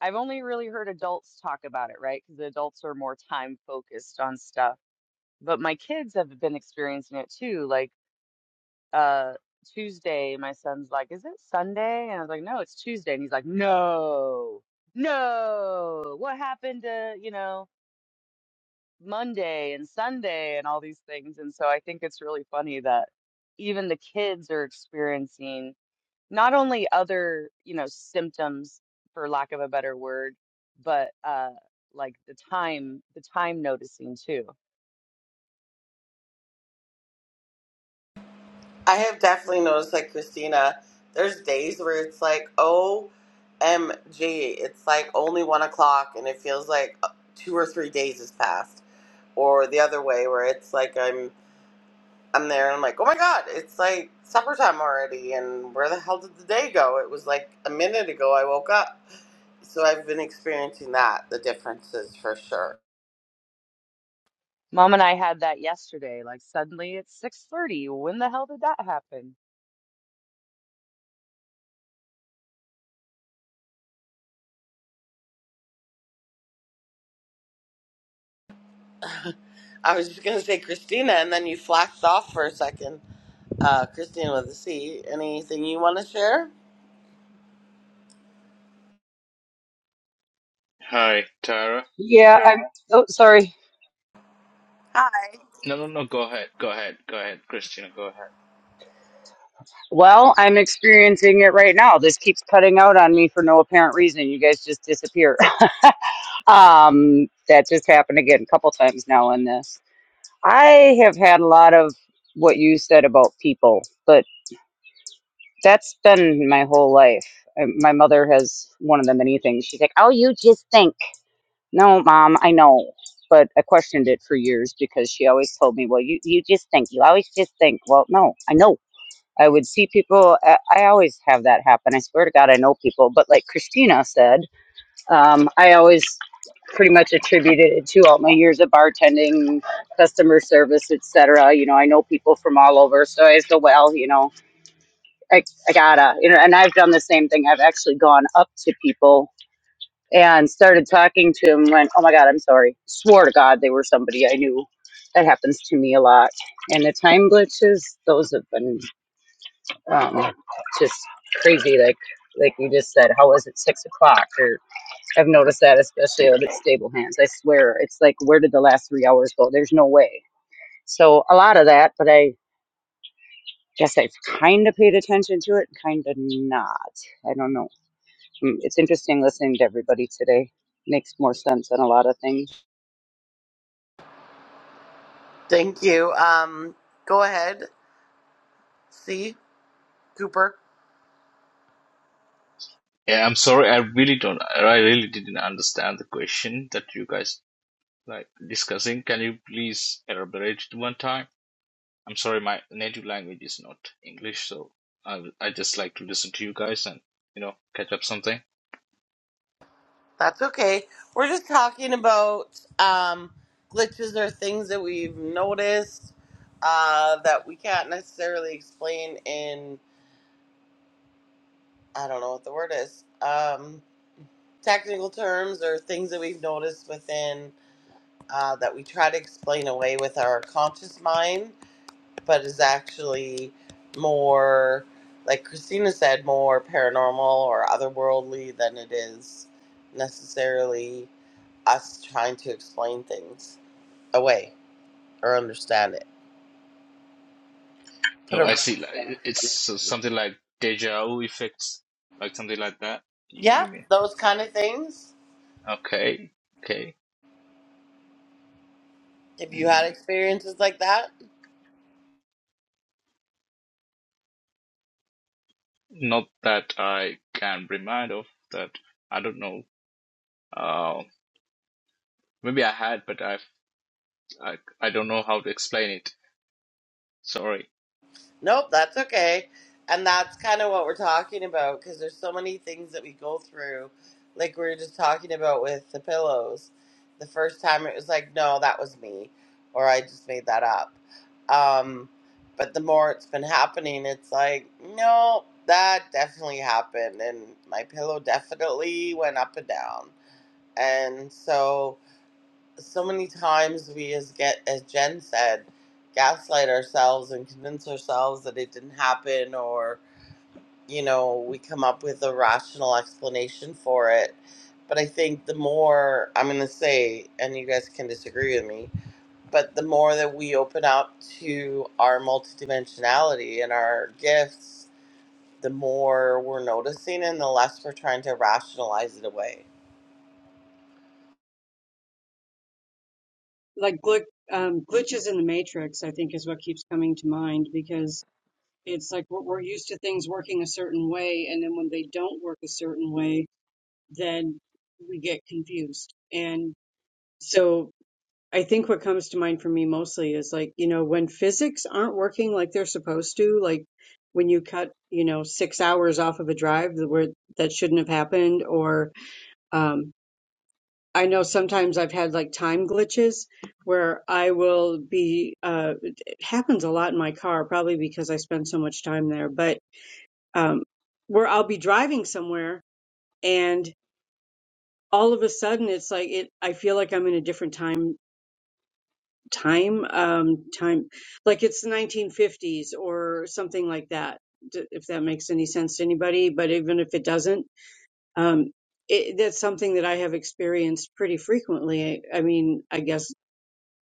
I've only really heard adults talk about it, right? Because adults are more time focused on stuff. But my kids have been experiencing it too. Like. uh Tuesday, my son's like, "Is it Sunday?" And I was like, "No, it's Tuesday." And he's like, "No, no, what happened to, you know, Monday and Sunday and all these things?" And so I think it's really funny that even the kids are experiencing not only other, you know, symptoms, for lack of a better word, but uh like the time, the time noticing too.
I have definitely noticed, like Christina, there's days where it's like, OMG, it's like only one o'clock and it feels like uh, two or three days has passed. Or the other way where it's like I'm I'm there and I'm like, oh my God, it's like supper time already. And where the hell did the day go? It was like a minute ago I woke up. So I've been experiencing that, the differences for sure.
Mom and I had that yesterday. Like suddenly it's 6:30. When the hell did that happen?
I was just going to say Christina, and then you flashed off for a second. Uh, Christina with a C, anything you want to share?
Hi, Tara.
yeah. I'm. Oh, sorry.
No, no, no. Go ahead. Go ahead. Go ahead, Christina. Go ahead.
Well, I'm experiencing it right now. This keeps cutting out on me for no apparent reason. You guys just disappear. <laughs> um, that just happened again a couple times now in this. I have had a lot of what you said about people, but that's been my whole life. Uh, My mother has one of the many things. She's like, "Oh, you just think." No, mom, I know, but I questioned it for years because she always told me, "Well, you you just think. You always just think." Well, no, I know. I would see people. I I always have that happen. I swear to God, I know people. But like Christina said, um, I always pretty much attributed it to all my years of bartending, customer service, etc. You know, I know people from all over, so I go, well, you know, I, I gotta, you know, and I've done the same thing. I've actually gone up to people and started talking to them. Went, oh my God, I'm sorry. Swore to God they were somebody I knew. That happens to me a lot. And the time glitches, those have been um, just crazy, like like you just said. How is it six o'clock? Or I've noticed that especially with stable hands. I swear, it's like where did the last three hours go? There's no way. So a lot of that, but I guess I've kind of paid attention to it, kind of not. I don't know. Mm, It's interesting listening to everybody today. Makes more sense than a lot of things.
Thank you. Um, go ahead. See, Cooper.
Yeah, I'm sorry. I really don't. I really didn't understand the question that you guys like discussing. Can you please elaborate it one time? I'm sorry. My native language is not English, so I I just like to listen to you guys and you know catch up something.
That's okay. We're just talking about um, glitches or things that we've noticed uh, that we can't necessarily explain in, I don't know what the word is, um, technical terms or things that we've noticed within uh, that we try to explain away with our conscious mind. but is actually more, like Christina said, more paranormal or otherworldly than it is necessarily us trying to explain things away or understand it. Put
Oh, I
a
see. Like, it- It's so- something like deja vu effects, like something like that. You
yeah,
you mean?
those kind of things.
Okay. Okay.
If you
mm.
had experiences like that,
Not that I can remind of that. I don't know. Uh, maybe I had, but I've, I I don't know how to explain it. Sorry.
Nope, that's okay. And that's kind of what we're talking about because there's so many things that we go through. Like we were just talking about with the pillows. The first time it was like, no, that was me, or I just made that up. Um, but the more it's been happening, it's like, no, that definitely happened. And my pillow definitely went up and down. And so so many times we as get as Jen said, gaslight ourselves and convince ourselves that it didn't happen or you know, we come up with a rational explanation for it. But I think the more I'm gonna say, and you guys can disagree with me, but the more that we open up to our multidimensionality and our gifts, the more we're noticing and the less we're trying to rationalize it away.
Like gl- um, glitches in the matrix, I think is what keeps coming to mind because it's like we're, we're used to things working a certain way. And then when they don't work a certain way, then we get confused. And so I think what comes to mind for me mostly is like, you know, when physics aren't working like they're supposed to, like when you cut, you know, six hours off of a drive that where that shouldn't have happened, or um, I know sometimes I've had like time glitches where I will be, uh, it happens a lot in my car, probably because I spend so much time there, but um, where I'll be driving somewhere and all of a sudden it's like it, I feel like I'm in a different time time um time like it's the 1950s or something like that if that makes any sense to anybody but even if it doesn't um it, that's something that i have experienced pretty frequently I, I mean i guess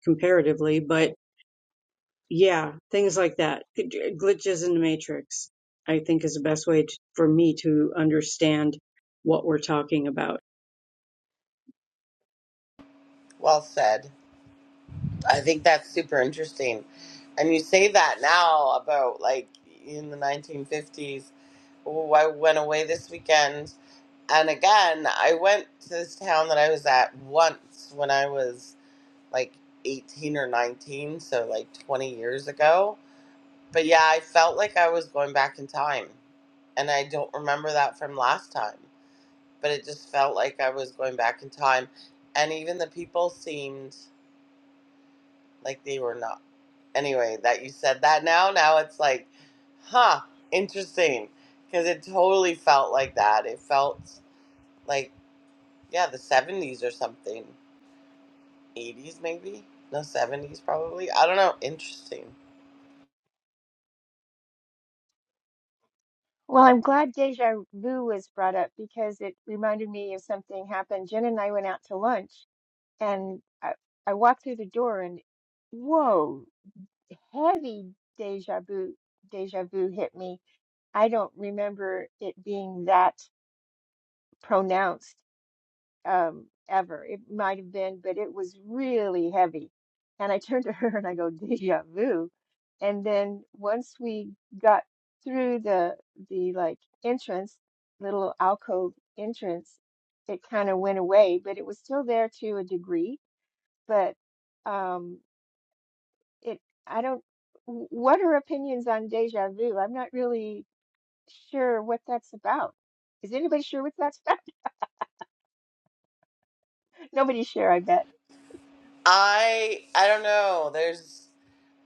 comparatively but yeah things like that glitches in the matrix i think is the best way to, for me to understand what we're talking about
Well said. I think that's super interesting. And you say that now about like in the 1950s. Oh, I went away this weekend. And again, I went to this town that I was at once when I was like 18 or 19, so like 20 years ago. But yeah, I felt like I was going back in time. And I don't remember that from last time, but it just felt like I was going back in time. And even the people seemed like they were not. anyway that you said that now now it's like huh interesting because it totally felt like that it felt like yeah the 70s or something 80s maybe no 70s probably i don't know interesting
Well, I'm glad deja vu was brought up because it reminded me of something happened. Jen and I went out to lunch And I, I walked through the door and whoa, heavy deja vu, deja vu hit me. I don't remember it being that pronounced um, ever. It might have been, but it was really heavy. And I turned to her <laughs> and I go, deja vu. And then once we got through the the like entrance, little alcove entrance, it kind of went away, but it was still there to a degree. But um, it I don't w- what are opinions on deja vu? I'm not really sure what that's about. Is anybody sure what that's about? <laughs> Nobody's sure, I bet.
i i don't know there's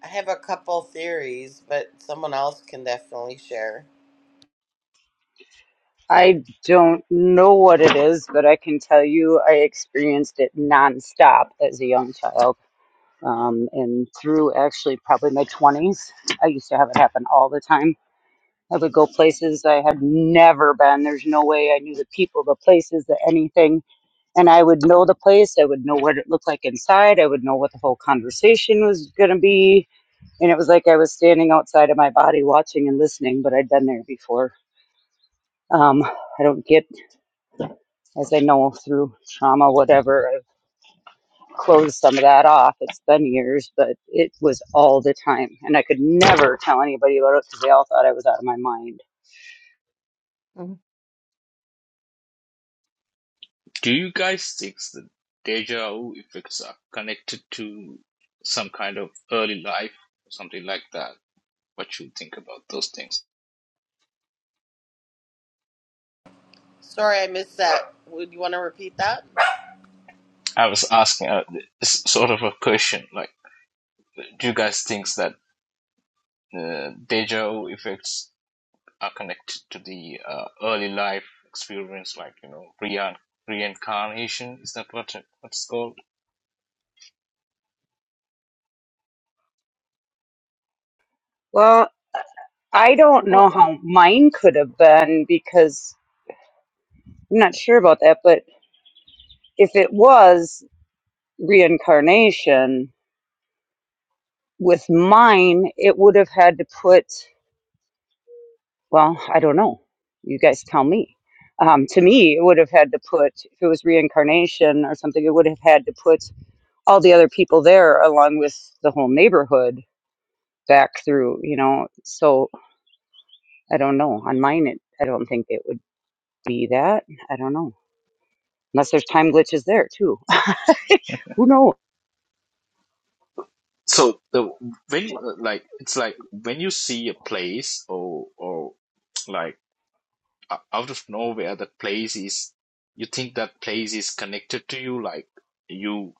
i have a couple theories but someone else can definitely share
I don't know what it is, but I can tell you I experienced it nonstop as a young child. um, and through actually probably my 20s. I used to have it happen all the time. I would go places I had never been. There's no way I knew the people, the places, the anything. And I would know the place. I would know what it looked like inside. I would know what the whole conversation was going to be. And it was like I was standing outside of my body watching and listening, but I'd been there before. Um, I don't get, as I know through trauma, whatever, I close some of that off. It's been years, but it was all the time. And I could never tell anybody about it because they all thought I was out of my mind.
Mhm.
Do you guys think the deja vu effects are connected to some kind of early life or something like that? What you think about those things?
sorry i missed that would you want to repeat that
I was asking uh, s- sort of a question. Like, do you guys think that uh, deja vu effects are connected to the uh, early life experience, like you know rein reincarnation. Is that what it- what it's called?
Well, I don't
Or,
know how mine could have been because I'm not sure about that. But if it was reincarnation with mine, it would have had to put, well, I don't know. You guys tell me. Um, to me, it would have had to put, if it was reincarnation or something, it would have had to put all the other people there along with the whole neighborhood back through you know so i don't know on mine it, i don't think it would be that i don't know unless there's time glitches there too <laughs> who knows
So the when you,
or-
uh, like it's like when you see a place or or like o- out of nowhere that place is you think that place is connected to you like you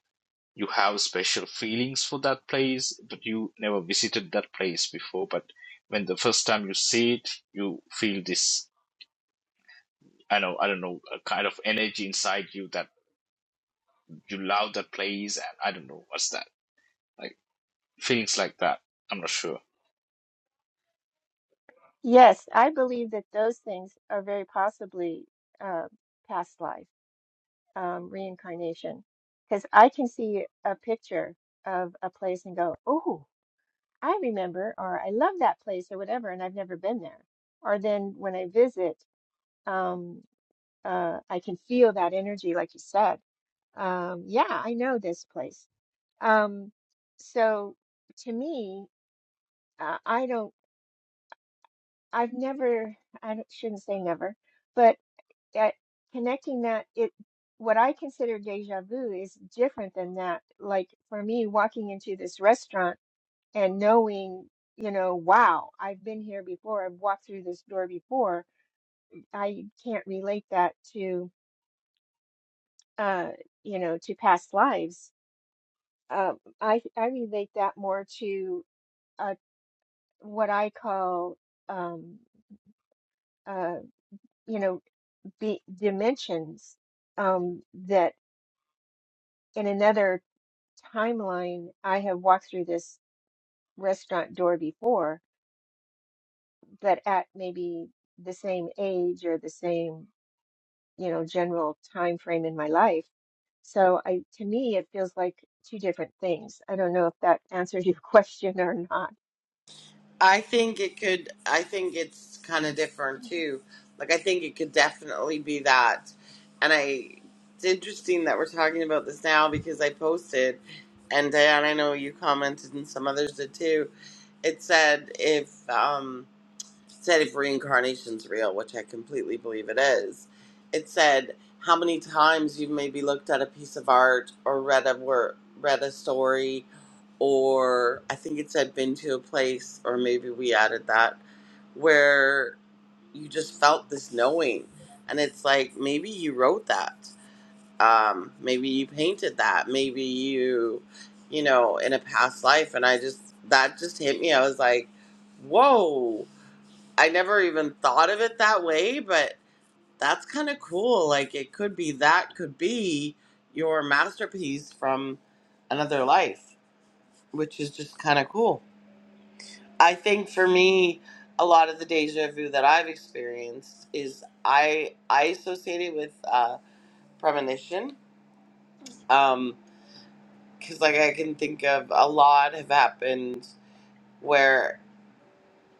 you have special feelings for that place but you never visited that place before but when the first time you see it you feel this I know I don't know a kind of energy inside you that you love that place and I don't know what's that. Like feelings like that. I'm not sure.
yes, I believe that those things are very possibly uh, past life, um, reincarnation, because I can see a picture of a place and go, oh, I remember, or I love that place, or whatever, and I've never been there. Or then when I visit, um, uh, I can feel that energy, like you said Um, yeah, I know this place. Um, so to me, uh, I don't, I've never, I don't- shouldn't say never, but that connecting that it, what I consider deja vu is different than that. Like for me, walking into this restaurant and knowing, you know, wow, I've been here before, I've walked through this door before. I can't relate that to, uh, you know, to past lives. Um, I I relate that more to. uh, what I call, um, uh, you know, be dimensions um, that in another timeline, I have walked through this restaurant door before, but at maybe the same age or the same, you know, general time frame in my life. So I, to me, it feels like two different things. I don't know if that answers your <laughs> question or not.
I think it could. I think it's kind of different too. Like I think it could definitely be that. And I, it's interesting that we're talking about this now because I posted, and Diane, I know you commented and some others did too. It said if um it said if reincarnation's real, which I completely believe it is. It said how many times you've maybe looked at a piece of art or read a word, read a story or I think it said been to a place, or maybe we added that, where you just felt this knowing. And it's like maybe you wrote that. Um, maybe you painted that. Maybe you, you know, in a past life. And I just, that just hit me. I was like, whoa, I never even thought of it that way, but that's kind of cool. Like it could be that could be your masterpiece from another life, which is just kind of cool. I think for me, a lot of the deja vu that I've experienced is I I associate it with uh, premonition. Um, 'cause because like I can think of a lot have happened where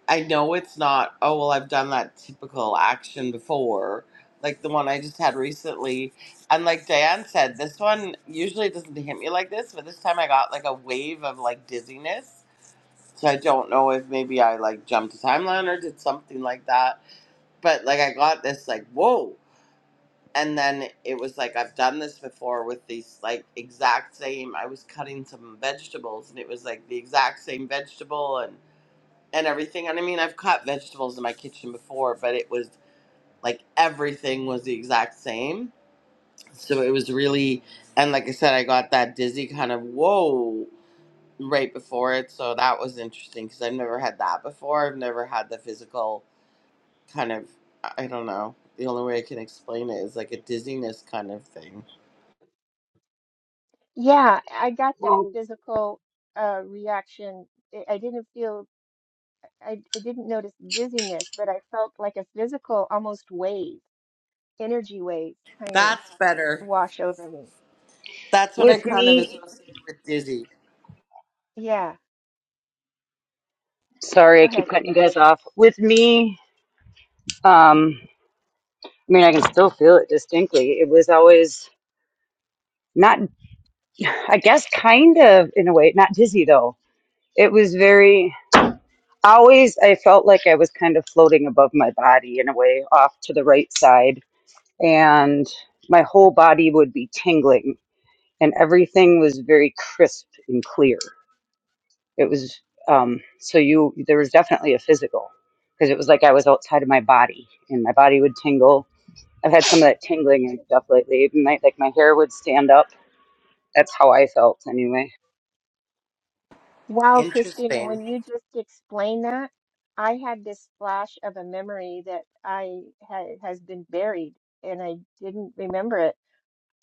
I know it's not. Oh well, I've done that typical action before, like the one I just had recently. And like Diane said, this one usually doesn't hit me like this, but this time I got like a wave of like dizziness. So I don't know if maybe I like jumped a timeline or did something like that but like I got this like whoa, and then it was like I've done this before with these like exact same. I was cutting some vegetables, and it was like the exact same vegetable and and everything. And I mean, I've cut vegetables in my kitchen before, but it was like everything was the exact same. So it was really, and like I said, I got that dizzy kind of whoa right before it. So that was interesting because I've never had that before. I've never had the physical kind of I don't know. The only way I can explain it is like a dizziness kind of thing.
Yeah, I got that
well
physical uh, reaction. I I didn't feel I, I didn't notice dizziness, but I felt like a physical, almost wave, energy wave kind of
That's better.
wash over me.
That's what I
with
kind of
me
associate with dizzy.
Yeah,
sorry
go
i
ahead.
keep cutting you guys off with me um i mean i can still feel it distinctly it was always not <sighs> i guess kind of in a way not dizzy though it was very always i felt like i was kind of floating above my body in a way off to the right side and my whole body would be tingling and everything was very crisp and clear it was um, so you there was definitely a physical because it was like i was outside of my body and my body would tingle i've had some of that tingling and stuff lately even my, like my hair would stand up that's how i felt anyway
Wow, Christina,
Interesting.
when you just explained that, I had this flash of a memory that I had has been buried and I didn't remember it.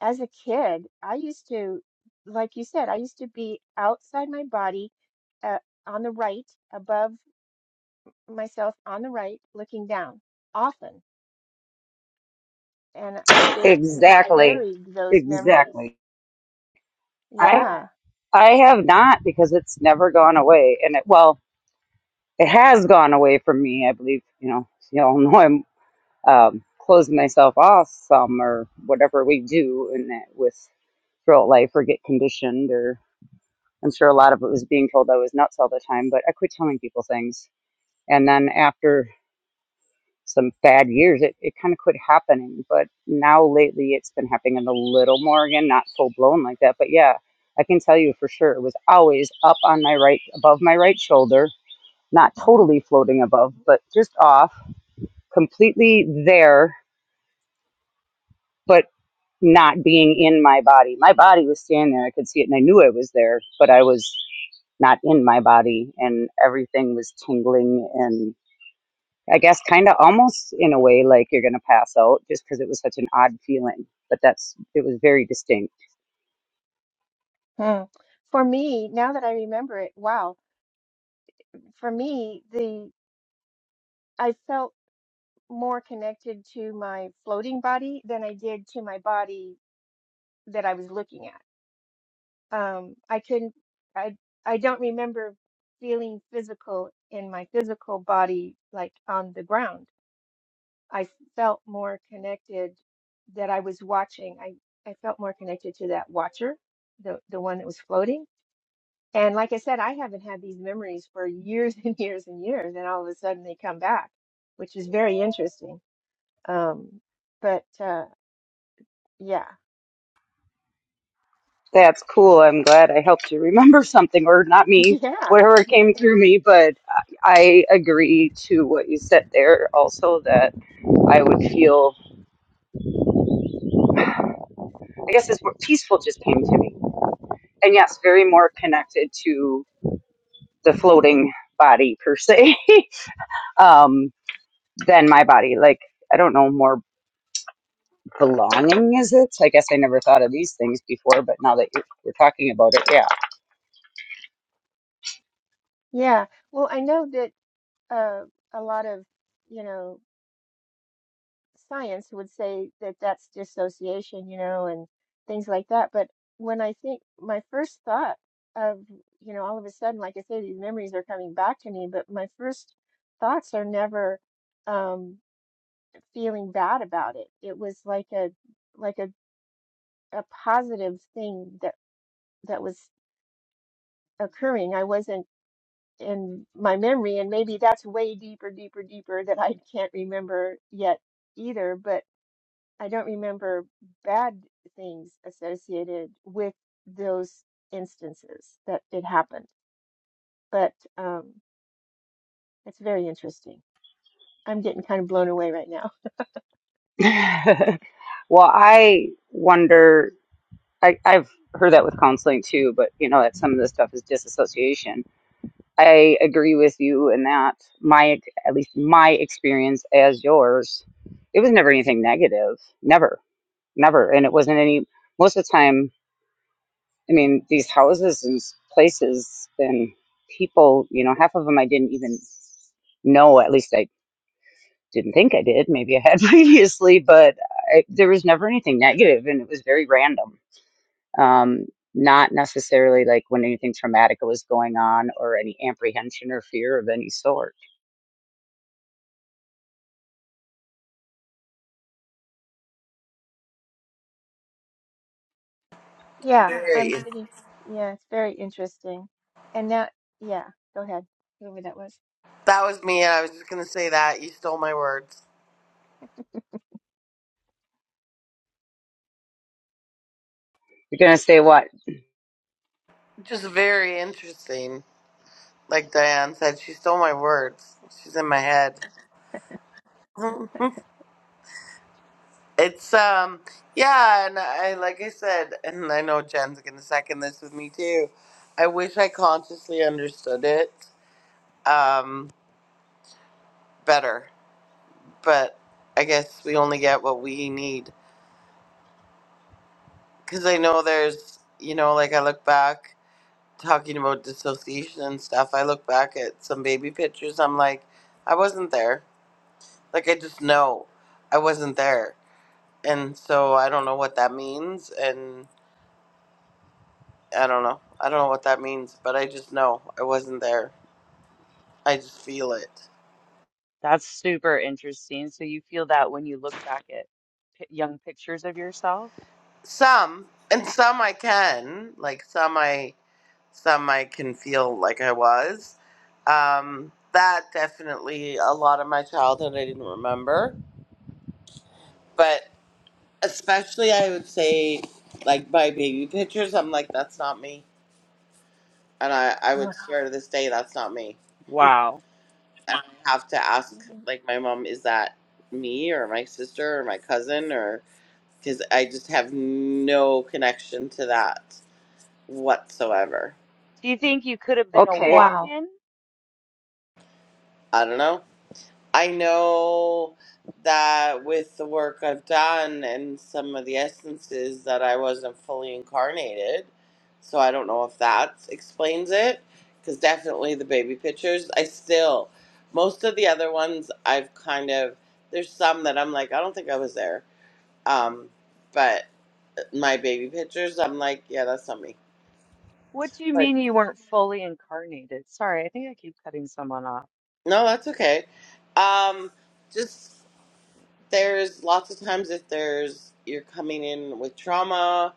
As a kid, I used to, like you said, I used to be outside my body, uh, on the right, above myself on the right, looking down often and I just had
exactly
buried those memories.
exactly i
Yeah.
i have not because it's never gone away and it well it has gone away from me i believe you know you all know I'm um, close myself off some or whatever we do in that with throughout life or get conditioned or I'm sure a lot of it was being told I was nuts all the time, but I quit telling people things. And then after some bad years, it, it kind of quit happening. But now lately it's been happening a little more again, not full blown like that. But yeah, I can tell you for sure it was always up on my right, above my right shoulder, not
hmm
totally floating above, but just off, completely there. but not being in my body. My body was standing there. I could see it and I knew it was there, but I was not in my body and everything was tingling and I guess kind of almost in a way like you're going to pass out just because it was such an odd feeling. But that's, it was very distinct.
Hmm. For me, now that I remember it, wow. For me, the I felt more connected to my floating body than I did to my body that I was looking at. Um, I couldn't. I I don't remember feeling physical in my physical body like on the ground I felt more connected that I was watching. I, I felt more connected to that watcher, the, the one that was floating. And like I said, I haven't had these memories for years <laughs> and years and years, and all of a sudden they come back, which is very interesting. Um, but uh, yeah,
That's cool. I'm glad I helped you remember <laughs> something or not
<laughs>
me,
yeah,
whatever came through me. But I agree to what you said there also that I would feel, I guess this word peaceful just came to me. And yes, very more connected to the floating body per se <laughs> um than my body like i don't know more belonging is it i guess i never thought of these things before but now that you're, we're talking about it
yeah. Well, I know that uh, a lot of, you know, science would say that that's dissociation, you know, and things like that. But when I think my first thought of, you know, all of a sudden, like I say, these memories are coming back to me, but my first thoughts are never um, feeling bad about it. It was like a like a, a positive thing that that was occurring. I wasn't in my memory, and maybe that's way deeper, deeper, deeper that I can't remember yet either. But I don't remember bad things associated with those instances that it happened. But um, it's very interesting. I'm getting kind of blown away right now. <laughs>
yeah <laughs> well i wonder I, i've heard that with counseling too but you know that some of this stuff is disassociation i agree with you in that my at least my experience as yours it was never anything negative never never and it wasn't any most of the time I mean, these houses and places and people, you know, half of them I didn't even know. At least I didn't think I did. Maybe I had <laughs> previously, but I, there was never anything negative, and it was very random. Um, not necessarily like when anything traumatic was going on or any apprehension or fear of any sort.
Yeah, I'm
Very.
sitting. Yeah, it's very interesting. And now, yeah, go ahead. Whoever that was.
That was me. I was just gonna say that. You stole my words.
You're going to say, what?
Just very interesting. Like Diane said, she stole my words. She's in my head. <laughs> it's um yeah, and I like I said, and I know Jen's gonna second this with me too. I wish I consciously understood it um better but I guess we only get what we need. Because I know there's, you know, like I look back, talking about dissociation and stuff, I look back at some baby pictures, I'm like, I wasn't there. Like, I just know I wasn't there. And so I don't know what that means. And I don't know. I don't know what that means, but I just know I wasn't there. I just feel it.
That's super interesting. So you feel that when you look back at pi young pictures of yourself?
Some, and some I can, like some I. some I can feel like I was. Um, that definitely a lot of my childhood I didn't remember, but especially I would say like my baby pictures. I'm like that's not me, and I I
Oh.
would swear to this day that's not me.
Wow.
And I have to ask like my mom, is that me or my sister or my cousin or because I just have no connection to that whatsoever.
Do you think you could have been a
Okay,
Wow,
walk-in?
I don't know. I know that with the work I've done and some of the essences that I wasn't fully incarnated. So I don't know if that explains it because definitely the baby pictures, I still most of the other ones I've kind of there's some that I'm like I don't think I was there. Um but my baby pictures I'm like yeah, that's not me.
What do you
Like
mean you weren't fully incarnated? Sorry, I think I keep cutting someone off.
no, that's okay. Um just there's lots of times if there's you're coming in with trauma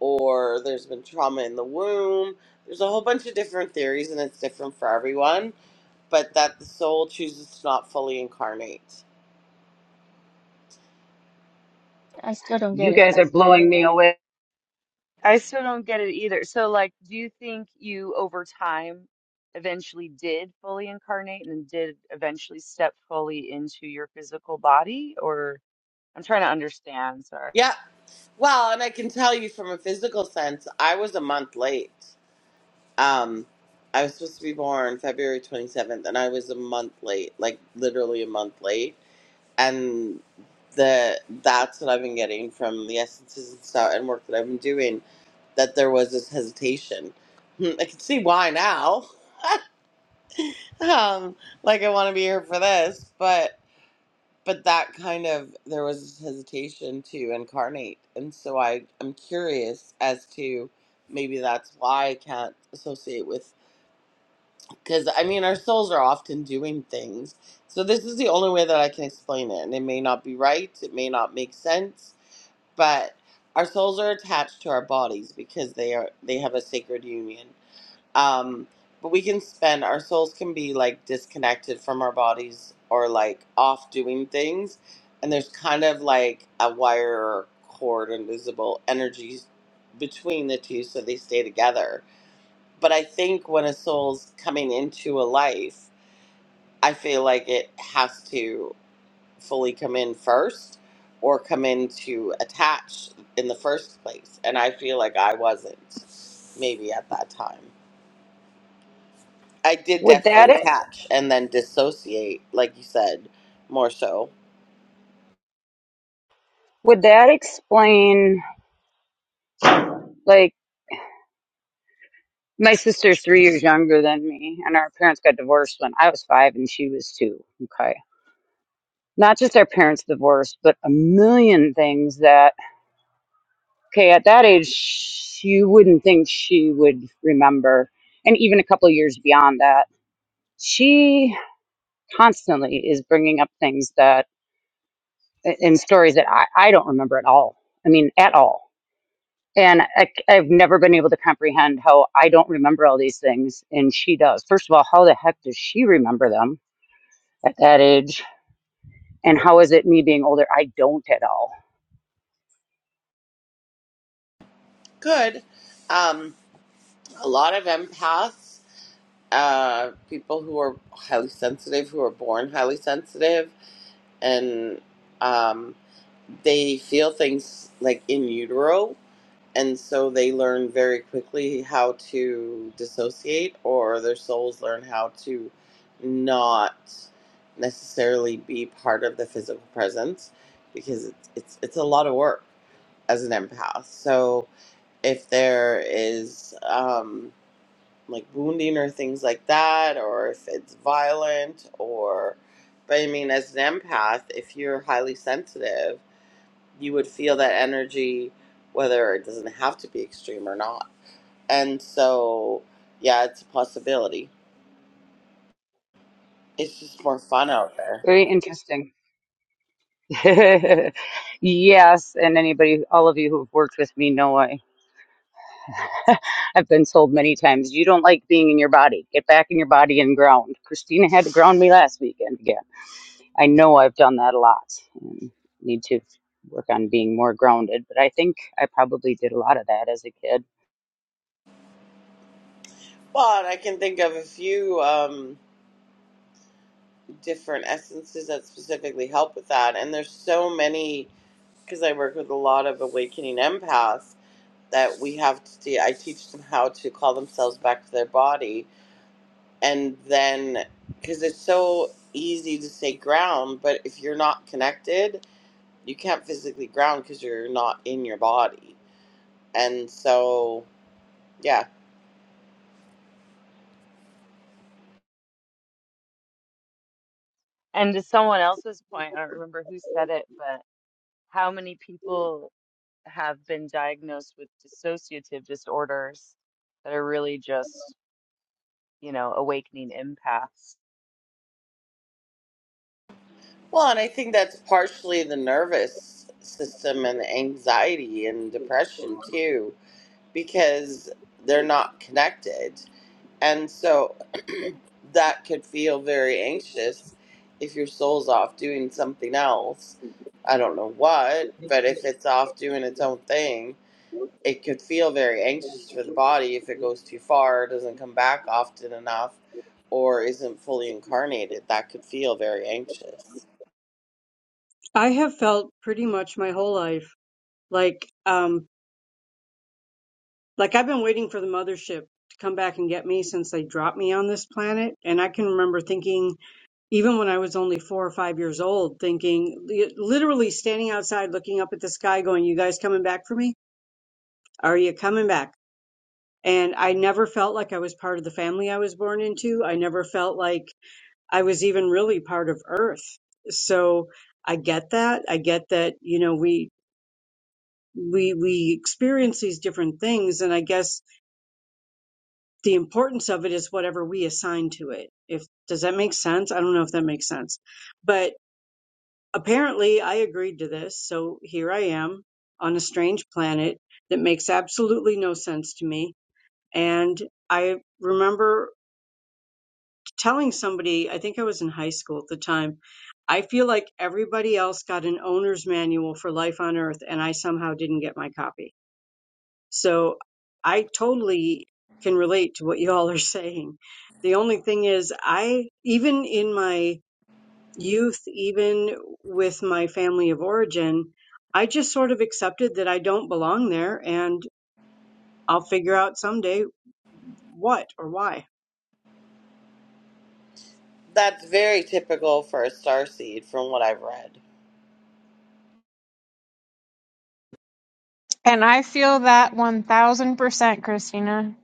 or there's been trauma in the womb there's a whole bunch of different theories and it's different for everyone but that the soul chooses to not fully incarnate
I still don't
you
get it.
guys are blowing me away.
I still don't get it either. So, like, do you think you over time eventually did fully incarnate and did eventually step fully into your physical body? Or I'm trying to understand, sorry.
yeah well and i can tell you from a physical sense i was a month late um i was supposed to be born february 27th and i was a month late like literally a month late and the that's what i've been getting from the essences and stuff and work that i've been doing that there was this hesitation. Hmm, I can see why now. <laughs> Um, like I want to be here for this, but but that kind of there was this hesitation to incarnate, and so I I'm curious as to maybe that's why I can't associate with because I mean our souls are often doing things. So this is the only way that I can explain it, and it may not be right, it may not make sense, but our souls are attached to our bodies because they are they have a sacred union um but we can spend our souls can be like disconnected from our bodies or like off doing things and there's kind of like a wire or cord invisible energies between the two so they stay together but i think when a soul's coming into a life i feel like it has to fully come in first or come in to attach in the first place and i feel like i wasn't maybe at that time I did
Would
definitely
that, ex-
attach and then dissociate, like you said, more so.
would that explain? like? My sister's three years younger than me, and our parents got divorced when I was five and she was two. Okay. Not just our parents divorced, but a million things that, okay, at that age, you wouldn't think she would remember. And even a couple of years beyond that, she constantly is bringing up things that, and stories that I, I don't remember at all. I mean, at all. And I, I've never been able to comprehend how I don't remember all these things and she does. First of all, how the heck does she remember them? at that age. And how is it me being older? I don't at all.
Good. Um, a lot of empaths, uh, people who are highly sensitive, who are born highly sensitive, and um, they feel things like in utero. and so they learn very quickly how to dissociate or their souls learn how to not necessarily be part of the physical presence because it's it's, it's a lot of work as an empath so if there is um, like wounding or things like that or if it's violent or but i mean as an empath if you're highly sensitive you would feel that energy whether it doesn't have to be extreme or not. And so, yeah, it's a possibility. It's just more fun out there.
Very interesting. <laughs> yes, and anybody, all of you who've worked with me know I, <laughs> I've been told many times, you don't like being in your body. Get back in your body and ground. Christina had to ground me last weekend again. I know I've done that a lot and need to work on being more grounded, but I think I probably did a lot of that as a kid.
But I can think of a few um, different essences that specifically help with that. And there's so many, because I work with a lot of awakening empaths, that we have to, te- I teach them how to call themselves back to their body. And then, because it's so easy to say ground, but if you're not connected, you can't physically ground because you're not in your body. And so, yeah.
And to someone else's point, I don't remember who said it, but how many people. have been diagnosed with dissociative disorders that are really just, you know, awakening empaths.
Well, and I think that's partially the nervous system and the anxiety and depression too, because they're not connected. And so <clears throat> that could feel very anxious if your soul's off doing something else. I don't know what, but if it's off doing its own thing, it could feel very anxious for the body if it goes too far, doesn't come back often enough, or isn't fully incarnated. That could feel very anxious.
i have felt pretty much my whole life like um Like I've been waiting for the mothership to come back and get me since they dropped me on this planet. And I can remember thinking, even when I was only four or five years old, thinking, li- literally standing outside looking up at the sky going, you guys coming back for me? Are you coming back? And I never felt like I was part of the family I was born into. I never felt like I was even really part of Earth. So I get that. I get that, you know, we, we, we experience these different things. And I guess the importance of it is whatever we assign to it. If does that make sense? I don't know if that makes sense. But apparently I agreed to this, so here I am on a strange planet that makes absolutely no sense to me. And I remember telling somebody, I think I was in high school at the time, I feel like everybody else got an owner's manual for life on earth and I somehow didn't get my copy So I totally can relate to what y'all are <laughs> saying. The only thing is, I, even in my youth, even with my family of origin, I just sort of accepted that I don't belong there and I'll figure out someday what or why.
That's very typical for a starseed from what I've read.
And I feel that 1000%, Christina.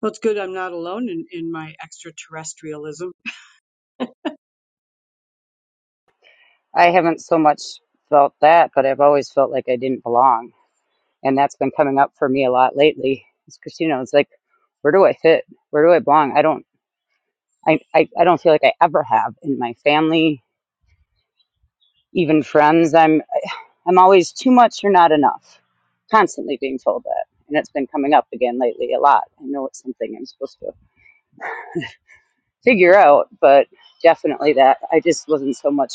Well, it's good I'm not alone in, in my extraterrestrialism.
I haven't so much felt that, but I've always felt like I didn't belong and that's been coming up for me a lot lately It's christina it's like where do i fit where do i belong i don't I, I i don't feel like i ever have in my family even friends i'm i'm always too much or not enough constantly being told that and it's been coming up again lately a lot i know it's something i'm supposed to figure out but definitely that i just wasn't so much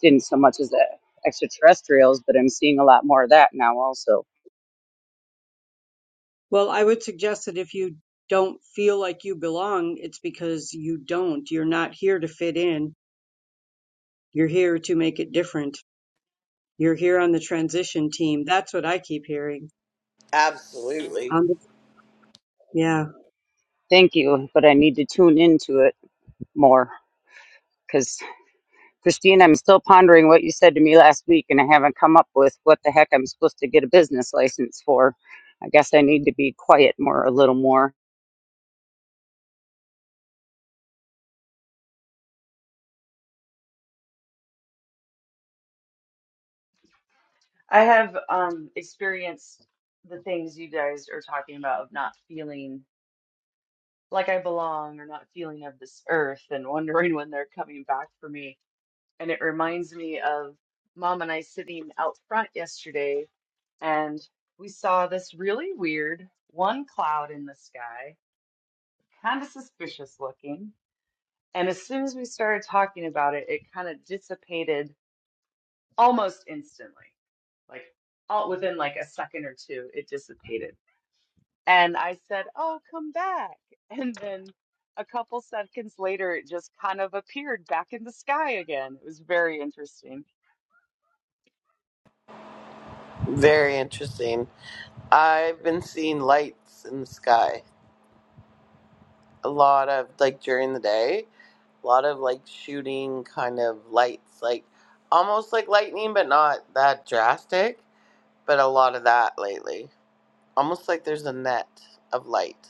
didn't so much as the extraterrestrials but i'm seeing a lot more of that now also
Well, I would suggest that if you don't feel like you belong, it's because you don't. You're not here to fit in. You're here to make it different. You're here on the transition team. That's what I keep hearing.
Absolutely.
On the, yeah.
thank you but i need to tune into it more because. Christine, I'm still pondering what you said to me last week, and I haven't come up with what the heck I'm supposed to get a business license for. I guess I need to be quiet more, a little more.
I have um, experienced the things you guys are talking about of not feeling like I belong or not feeling of this earth and wondering when they're coming back for me. And it reminds me of mom and I sitting out front yesterday and we saw this really weird one cloud in the sky, kind of suspicious looking And as soon as we started talking about it, it kind of dissipated almost instantly. Like all within like a second or two, it dissipated. And I said, "Oh, come back." <laughs> And then a couple seconds later, it just kind of appeared back in the sky again. It was very interesting.
Very interesting. I've been seeing lights in the sky a lot of, like during the day, a lot of like shooting kind of lights, like almost like lightning, but not that drastic, but a lot of that lately. almost like there's a net of light.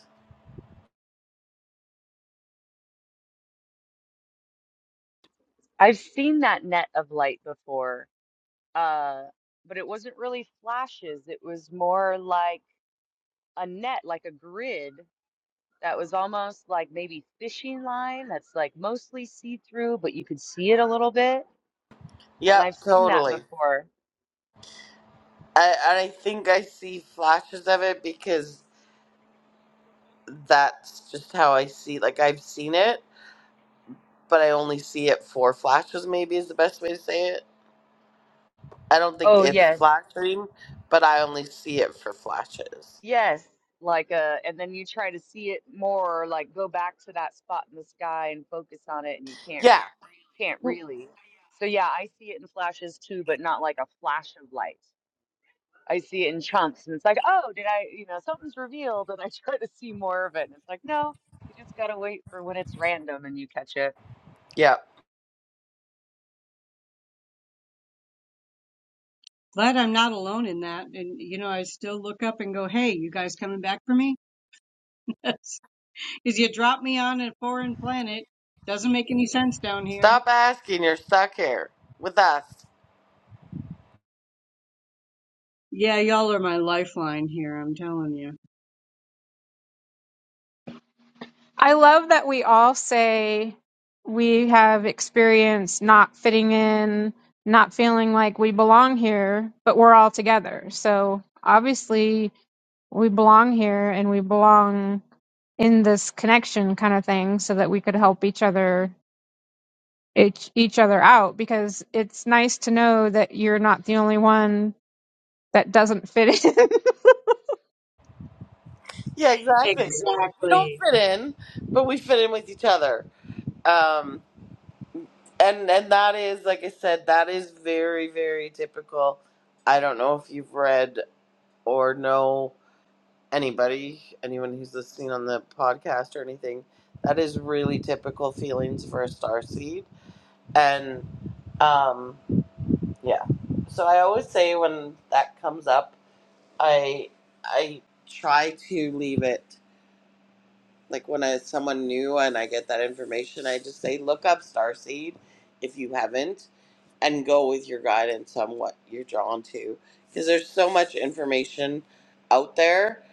I've seen that net of light before, uh, but it wasn't really flashes. It was more like a net, like a grid that was almost like maybe fishing line that's like mostly see-through, but you could see it a little bit. And I've
Yep,
seen that
totally.
before.
I, and I think I see flashes of it because that's just how I see. Like I've seen it, but I only see it for flashes. Maybe is the best way to say it. I don't think
Oh,
it's
yes.
flashing, but I only see it for flashes.
Yes. Like uh and then you try to see it more, or, like go back to that spot in the sky and focus on it and you can't
Yeah,
can't really. So yeah, I see it in flashes too, but not like a flash of light. I see it in chunks and it's like, "Oh, did I, you know, something's revealed." And I <laughs> try to see more of it and it's like, "No, you just got to wait for when it's random and you catch it."
yep.
Glad I'm not alone in that. And, you know, I still look up and go, hey, you guys coming back for me? <laughs> Because you dropped me on a foreign planet. Doesn't make any sense down here.
Stop asking. You're stuck here with us.
Yeah, y'all are my lifeline here, I'm telling you.
I love that we all say we have experienced not fitting in, not feeling like we belong here, but we're all together. So obviously, we belong here and we belong in this connection kind of thing so that we could help each other each each other out because it's nice to know that you're not the only one that doesn't fit in. <laughs>
Yeah, exactly. We don't
Exactly.
fit in, but we fit in with each other. Um, and and that is like I said, that is very very typical. I don't know if you've read or know anybody, anyone who's listening on the podcast or anything. That is really typical feelings for a star seed, and um, yeah. So I always say when that comes up, I I try to leave it. Like when I, someone new and I get that information, I just say, look up Starseed if you haven't and go with your guidance on what you're drawn to. Because there's so much information out there,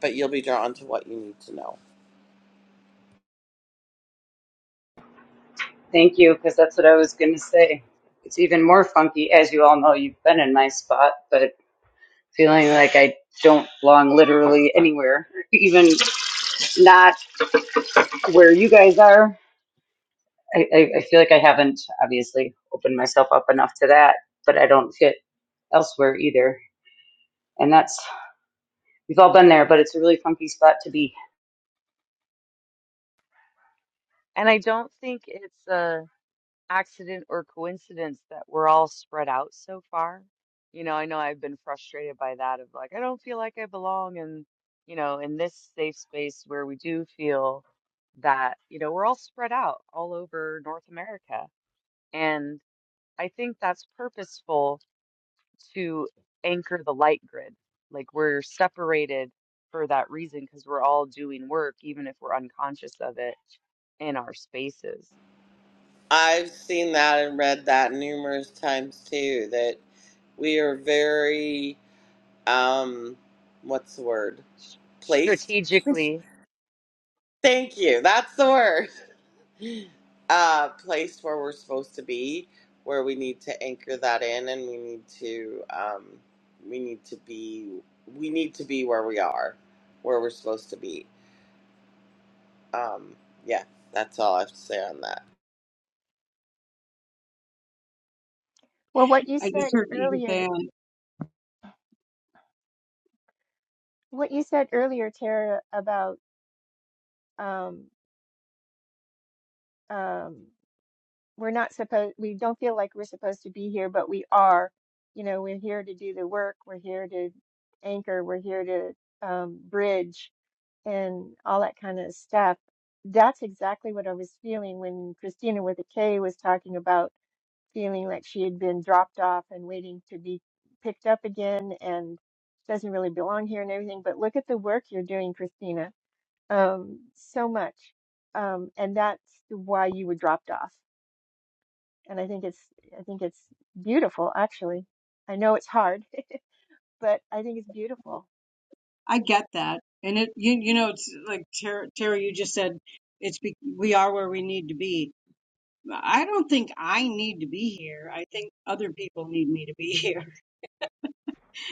but you'll be drawn to what you need to know.
Thank you, because that's what I was going to say. It's even more funky, as you all know, you've been in my spot, but feeling like I don't belong literally anywhere, even not where you guys are. I, I, I feel like I haven't obviously opened myself up enough to that, but I don't fit elsewhere either. And that's We've all been there, but it's a really funky spot to be.
And I don't think it's a accident or coincidence that we're all spread out so far. You know, I know I've been frustrated by that of like, I don't feel like I belong in, you know, in this safe space where we do feel that, you know, we're all spread out all over North America. And I think that's purposeful to anchor the light grid. Like we're separated for that reason because we're all doing work, even if we're unconscious of it in our spaces.
I've seen that and read that numerous times too, that we are very, um, what's the word?
s-
Placed?
strategically.
<laughs> Thank you. That's the word. uh place where we're supposed to be where we need to anchor that in and we need to um we need to be we need to be where we are where we're supposed to be um yeah that's all i have to say on that
Well, what you
I
said
just heard Edith
earlier.
Ann.
What you said earlier, Tara, about um, um, we're not supposed, we don't feel like we're supposed to be here, but we are. You know, we're here to do the work, we're here to anchor, we're here to um, bridge, and all that kind of stuff. That's exactly what I was feeling when Christina with a K was talking about feeling like she had been dropped off and waiting to be picked up again and doesn't really belong here and everything. But look at the work you're doing, Christina um, so much. Um, and that's why you were dropped off. And I think it's I think it's beautiful, actually. I know it's hard, <laughs> but I think it's beautiful.
I get that. And it, you, you know, it's like Tara, Tara, you just said, it's be, we are where we need to be. I don't think I need to be here. I think other people need me to be here. <laughs>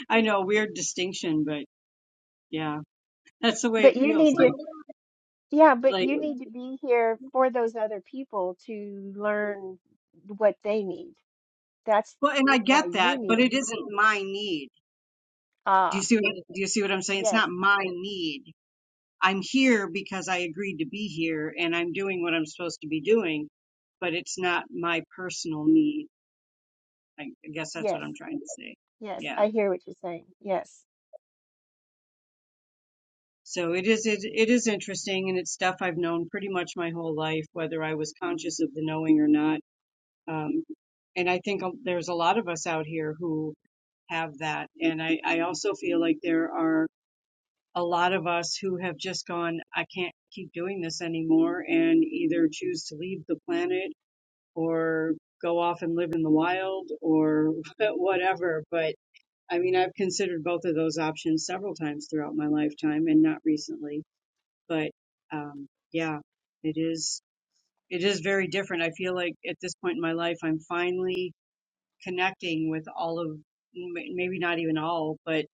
I know, weird distinction, but yeah, that's the way
But
it
you
feels
need to,
like.
yeah, but
Like,
you need to be here for those other people to learn what they need. That's
well, and I
why
get
you
that,
need
but
to
it
be.
isn't my need. Do you
Ah,
see what, do you see what I'm saying? It's
yes,
not my need. I'm here because I agreed to be here and I'm doing what I'm supposed to be doing, but it's not my personal need. I I guess that's what
yes,
I'm trying to say.
yes.
Yeah.
I hear what you're saying. Yes,
So it is it, it is interesting, and it's stuff I've known pretty much my whole life, whether I was conscious of the knowing or not. Um, and I think um, there's a lot of us out here who have that, and I, I also feel like there are a lot of us who have just gone, I can't keep doing this anymore, and either choose to leave the planet or go off and live in the wild or <laughs> whatever. But I mean, I've considered both of those options several times throughout my lifetime, and not recently but um, yeah, it is it is very different. I feel like at this point in my life, I'm finally connecting with all of m- maybe not even all, but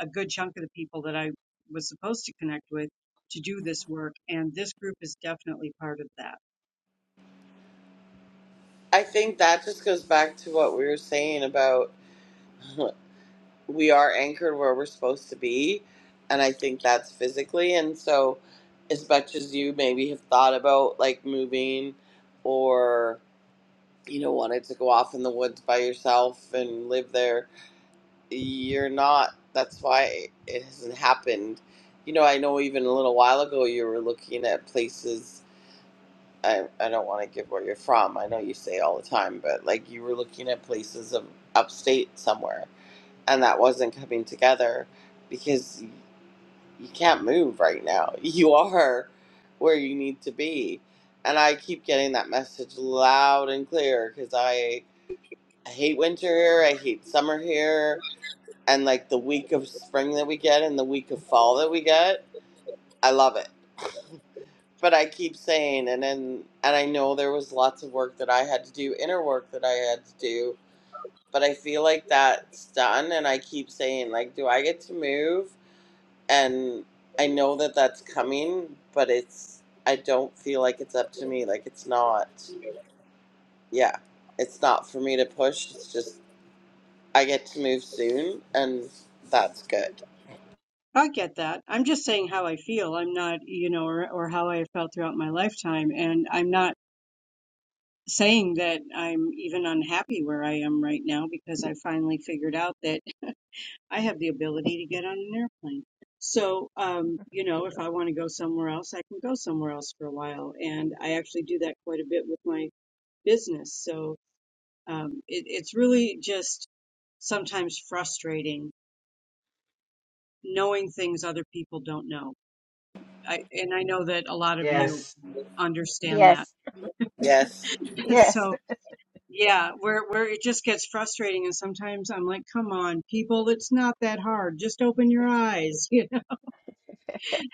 a good chunk of the people that I was supposed to connect with to do this work, and this group is definitely part of that.
i think that just goes back to what we were saying about <laughs> we are anchored where we're supposed to be and i think that's physically and so as much as you maybe have thought about like moving or you know wanted to go off in the woods by yourself and live there you're not that's why it hasn't happened you know i know even a little while ago you were looking at places i, I don't want to give where you're from i know you say all the time but like you were looking at places of upstate somewhere and that wasn't coming together because you can't move right now <laughs> you are where you need to be and i keep getting that message loud and clear because i I hate winter here. I hate summer here. And like the week of spring that we get and the week of fall that we get, I love it. But I keep saying, and then, and I know there was lots of work that I had to do, inner work that I had to do, but I feel like that's done. And I keep saying, like, do I get to move? And I know that that's coming, but it's, I don't feel like it's up to me. Like, it's not, yeah, it's not for me to push. It's just I get to move soon, and that's good.
I get that. I'm just saying how I feel. I'm not, you know, or, or how I have felt throughout my lifetime. And I'm not saying that I'm even unhappy where I am right now because I finally figured out that I have the ability to get on an airplane. So, um, you know, if I want to go somewhere else, I can go somewhere else for a while. And I actually do that quite a bit with my business. So, um, it, it's really just sometimes frustrating knowing things other people don't know. I, and I know that a lot of you
Yes,
understand that.
yes,
Yes,
<laughs>
yes.
so,
<laughs>
yeah, where where it just gets frustrating, and sometimes I'm like, "Come on, people, it's not that hard. Just open your eyes." <laughs>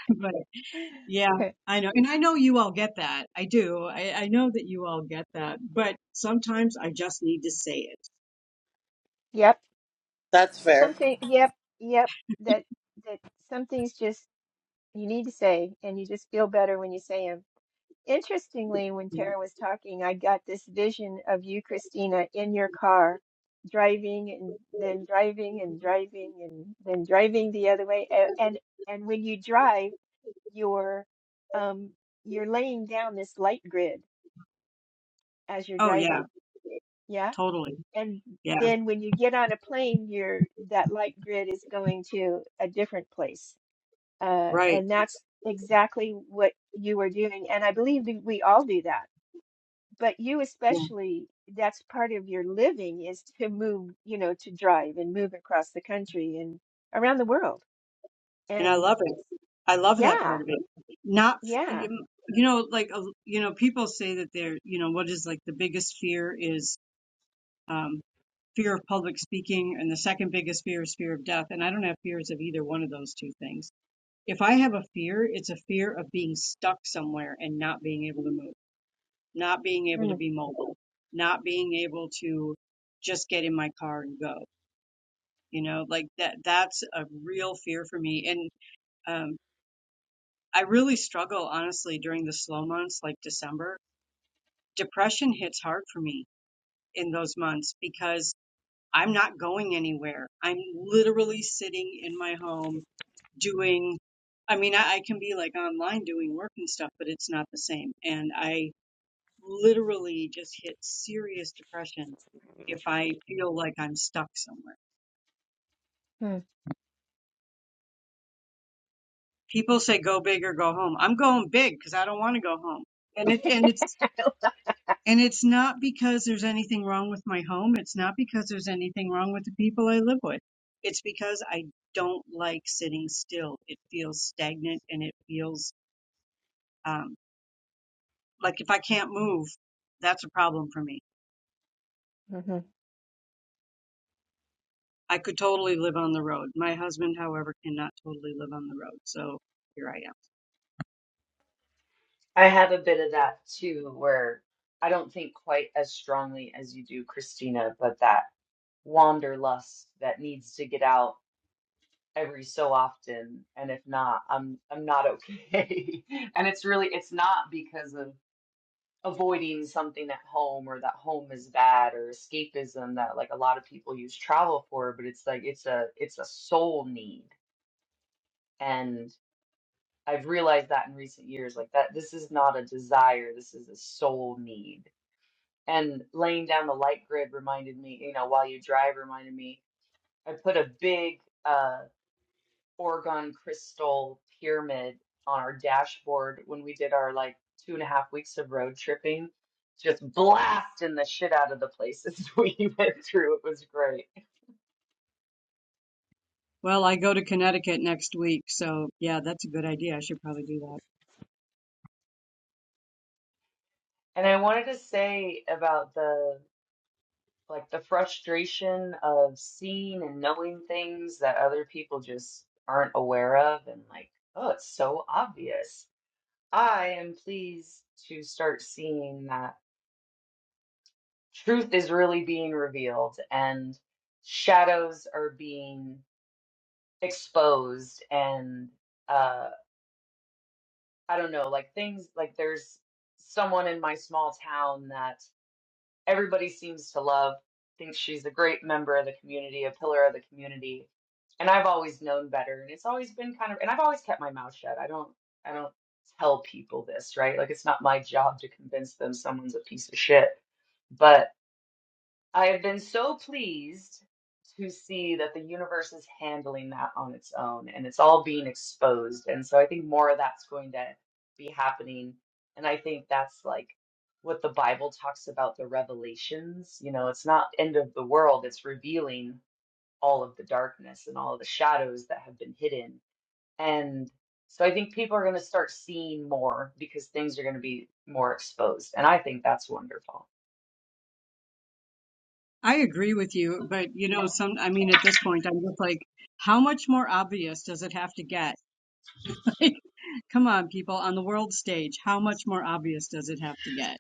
You know? Yeah, I know. And I know you all get that. I do. I, I know that you all get that. But sometimes I just need to say it.
Yep.
that's fair.
Something, yep, yep, that that some things just you need to say and you just feel better when you say them. Interestingly, when
Yeah.
Tara was talking, I got this vision of you, Christina, in your car, driving and then driving and driving and then driving the other way. A- And and when you drive, you're um you're laying down this light grid as you're
Oh, yeah,
driving. Yeah.
totally.
And
Yeah,
then when you get on a plane, your that light grid is going to a different place. Uh,
right.
and that's exactly what you are doing. And I believe that we all do that, but you
Yeah.
especially, that's part of your living is to move, you know, to drive and move across the country and around the world.
And I
And
love it. I love that
yeah,
part of it. Not, you
yeah.
know, like, uh, you know, people say that they're, you know, what is like the biggest fear is um, fear of public speaking, and the second biggest fear is fear of death. And I don't have fears of either one of those two things. If I have a fear, it's a fear of being stuck somewhere and not being able to move not being able to
Mm,
be mobile, not being able to just get in my car and go. You know, like that, that's a real fear for me. And um, I really struggle, honestly, during the slow months like December. Depression hits hard for me in those months because I'm not going anywhere. I'm literally sitting in my home doing, I mean, I, I can be like online doing work and stuff, but it's not the same. And I, literally just hit serious depression if I feel like I'm stuck somewhere.
mm,
People say go big or go home. I'm going big because I don't want to go home. And it and it's and it's not because there's anything wrong with my home. It's not because there's anything wrong with the people I live with. It's because I don't like sitting still. It feels stagnant and it feels um, like if I can't move, that's a problem for me.
mhm.
I could totally live on the road. My husband, however, cannot totally live on the road. So here I am.
I have a bit of that too, where I don't think quite as strongly as you do, Christina, but that wanderlust that needs to get out every so often, and if not, I'm I'm not okay. <laughs> And it's really it's not because of avoiding something at home or that home is bad or escapism that like a lot of people use travel for, but it's like it's a it's a soul need. I've realized that in recent years, like that this is not a desire, this is a soul need. And laying down the light grid reminded me, you know, while you drive reminded me, I put a big uh Oregon crystal pyramid on our dashboard when we did our like two and a half weeks of road tripping, just blasting the shit out of the places <laughs> we went through. It was great.
Well, I go to Connecticut next week, so yeah, that's a good idea. I should probably do that.
And I wanted to say about the like the frustration of seeing and knowing things that other people just aren't aware of and like oh it's so obvious i am pleased to start seeing that truth is really being revealed and shadows are being exposed and uh i don't know like things like there's someone in my small town that everybody seems to love, thinks she's a great member of the community, a pillar of the community. And I've always known better. And it's always been kind of, and I've always kept my mouth shut. I don't, I don't tell people this, right? Like it's not my job to convince them someone's a piece of shit. But I have been so pleased to see that the universe is handling that on its own and it's all being exposed. And so I think more of that's going to be happening. And I think that's like what the Bible talks about the revelations. You know, it's not end of the world, it's revealing all of the darkness and all of the shadows that have been hidden. And so I think people are going to start seeing more because things are going to be more exposed. And I think that's wonderful.
I agree with you, but you know, some, I mean, at this point, I'm just like, how much more obvious does it have to get? <laughs> Like, come on, people, on the world stage, how much more obvious does it have to get?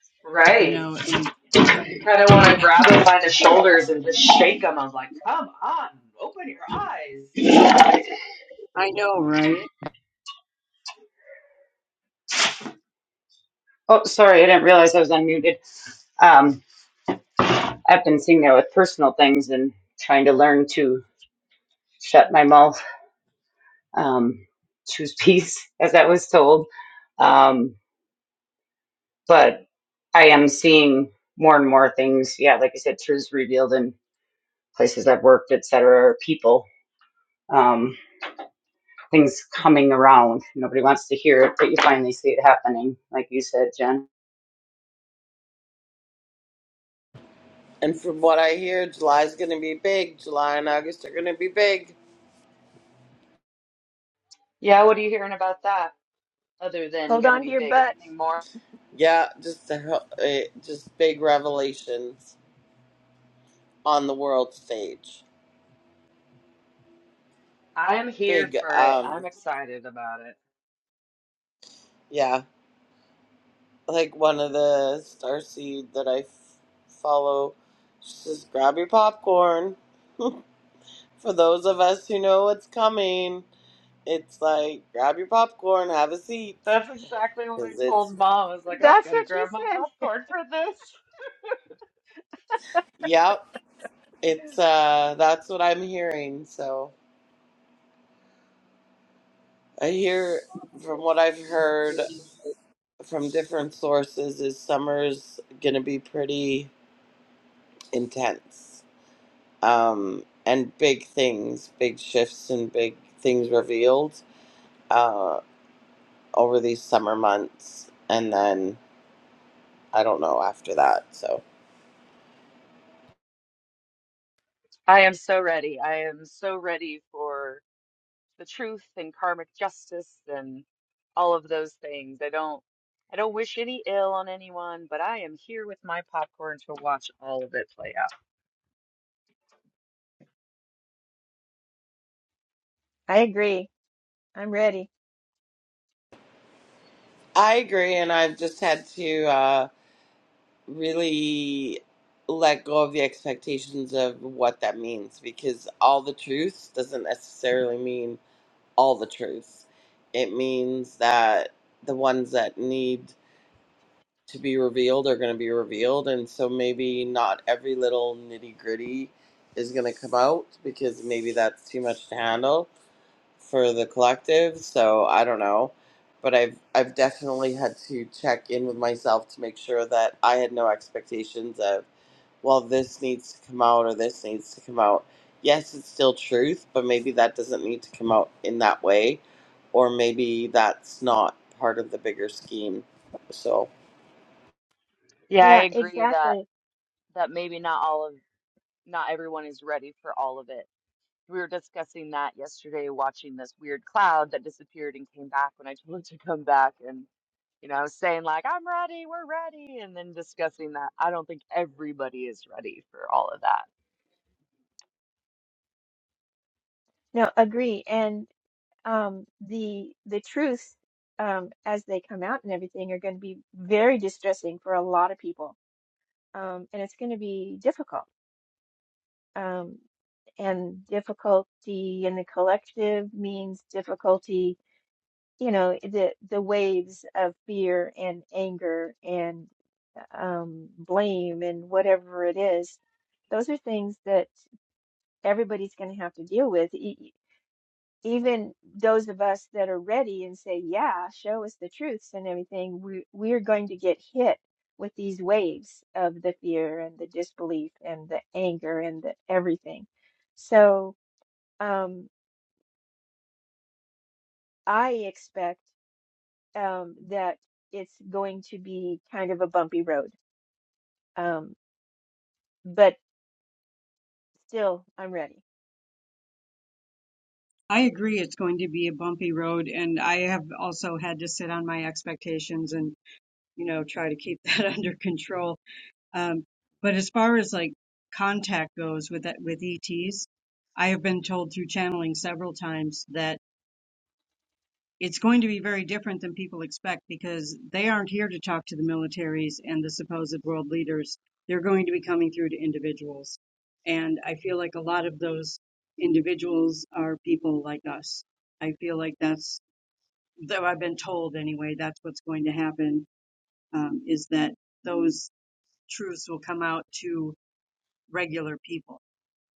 You
Right.
know, and <laughs>
You kind of want to grab him by the shoulders and just shake him. I'm like, come on, open your eyes.
I know, right?
Oh, sorry, I didn't realize I was unmuted. Um, I've been sitting there with personal things and trying to learn to shut my mouth, um, choose <laughs> peace, as I was told. Um, but I am seeing more and more things. Yeah, like I said, truths revealed in places I've worked, et cetera, or people. Um, things coming around. Nobody wants to hear it, but you finally see it happening, like you said, Jen.
And from what I hear, July's going to be big. July and August are going to be big.
Yeah, what are you hearing about that other than
Hold
going to
on to
be
your
big?
butts.
Anything more?
Yeah, just a, hel- eh, just big revelations on the world stage.
I am here
Big,
for it.
um,
I'm excited about it.
yeah, like one of the starseed that I f- follow. She says, "Grab your popcorn." For those of us who know what's coming, it's like grab your popcorn, have a seat,
That's exactly what I
because it's
told mom. I was like, I'm
That's
going to
what you
grab my
said.
popcorn for this.
yep It's uh that's what I'm hearing. So I hear from what I've heard from different sources is summer's gonna be pretty intense. Um and big things, big shifts and big things revealed uh over these summer months and then I don't know after that. So
I am so ready. I am so ready for the truth and karmic justice and all of those things. I don't I don't wish any ill on anyone, but I am here with my popcorn to watch all of it play out.
I agree. I'm ready.
I agree and I've just had to uh really let go of the expectations of what that means because all the truth doesn't necessarily mean all the truth. It means that the ones that need to be revealed are going to be revealed, and so maybe not every little nitty gritty is going to come out because maybe that's too much to handle for the collective. So I don't know. But I've I've definitely had to check in with myself to make sure that I had no expectations of well, this needs to come out or this needs to come out. Yes, it's still truth, but maybe that doesn't need to come out in that way, or maybe that's not part of the bigger scheme. So,
Yeah, I
Yeah,
agree that
exactly.
that maybe not all of not everyone is ready for all of it. we were discussing that yesterday, watching this weird cloud that disappeared and came back when I told <laughs> it to come back. And, you know, I was saying, like, I'm ready, we're ready. And then discussing that I don't think everybody is ready for all of that.
No, agree. and. um, the the truths um, as they come out and everything are going to be very distressing for a lot of people, um, and it's going to be difficult. Um, and difficulty in the collective means difficulty, you know, the the waves of fear and anger and um, blame and whatever it is. Those are things that everybody's going to have to deal with. E, even those of us that are ready and say, yeah, show us the truths and everything, we, we're going to get hit with these waves of the fear and the disbelief and the anger and the everything. So um, I expect um, that it's going to be kind of a bumpy road, um, but still, I'm ready.
I agree. It's going to be a bumpy road, and I have also had to sit on my expectations and, you know, try to keep <laughs> that under control. Um, but as far as like contact goes with that, with ETs, I have been told through channeling several times that it's going to be very different than people expect because they aren't here to talk to the militaries and the supposed world leaders. They're going to be coming through to individuals. And I feel like a lot of those individuals are people like us. I feel like that's, though I've been told anyway, that's what's going to happen um, is that those truths will come out to regular people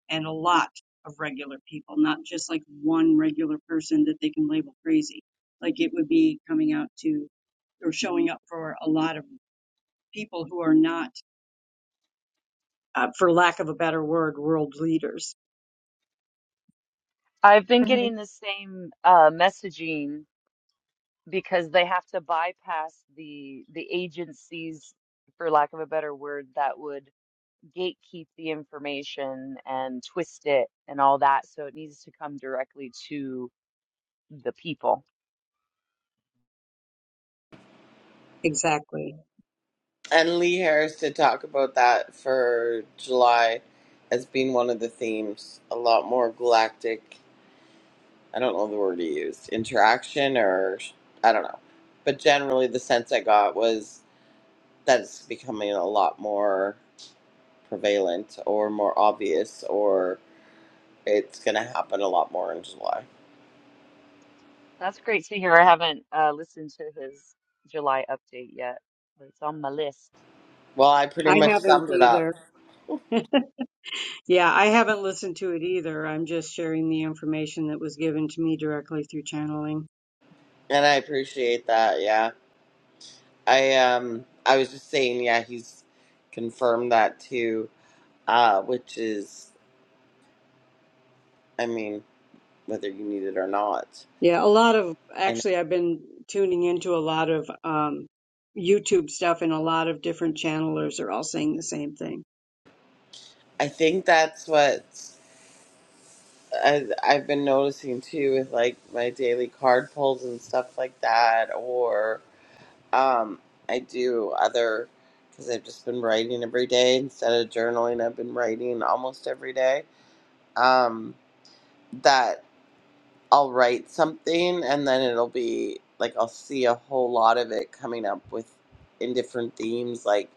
and a lot of regular people, not just like one regular person that they can label crazy. Like it would be coming out to or showing up for a lot of people who are not, uh, for lack of a better word, world leaders.
I've been
Mhm.
getting the same uh, messaging because they have to bypass the the agencies, for lack of a better word, that would gatekeep the information and twist it and all that. So it needs to come directly to the people
Exactly.
and Lee Harris did talk about that for July as being one of the themes. A lot more galactic, I don't know the word he used, interaction, or I don't know. But generally, the sense I got was that it's becoming a lot more prevalent or more obvious or It's going to happen a lot more in July.
That's great to hear. I haven't uh, listened to his July update yet, but it's on my list.
Well, I pretty
I
much
haven't
summed it up,
either. Yeah, I haven't listened to it either. I'm just sharing the information that was given to me directly through channeling.
and I appreciate that. Yeah, I um, I was just saying, yeah, he's confirmed that too, uh, which is, I mean, whether you need it or not,
Yeah, a lot of
and
actually, I've been tuning into a lot of um, YouTube stuff, and a lot of different channelers are all saying the same thing.
I think that's what I, I've been noticing too with like my daily card pulls and stuff like that, or um, I do other because I've just been writing every day instead of journaling. I've been writing almost every day um, that I'll write something and then it'll be like I'll see a whole lot of it coming up with in different themes, like,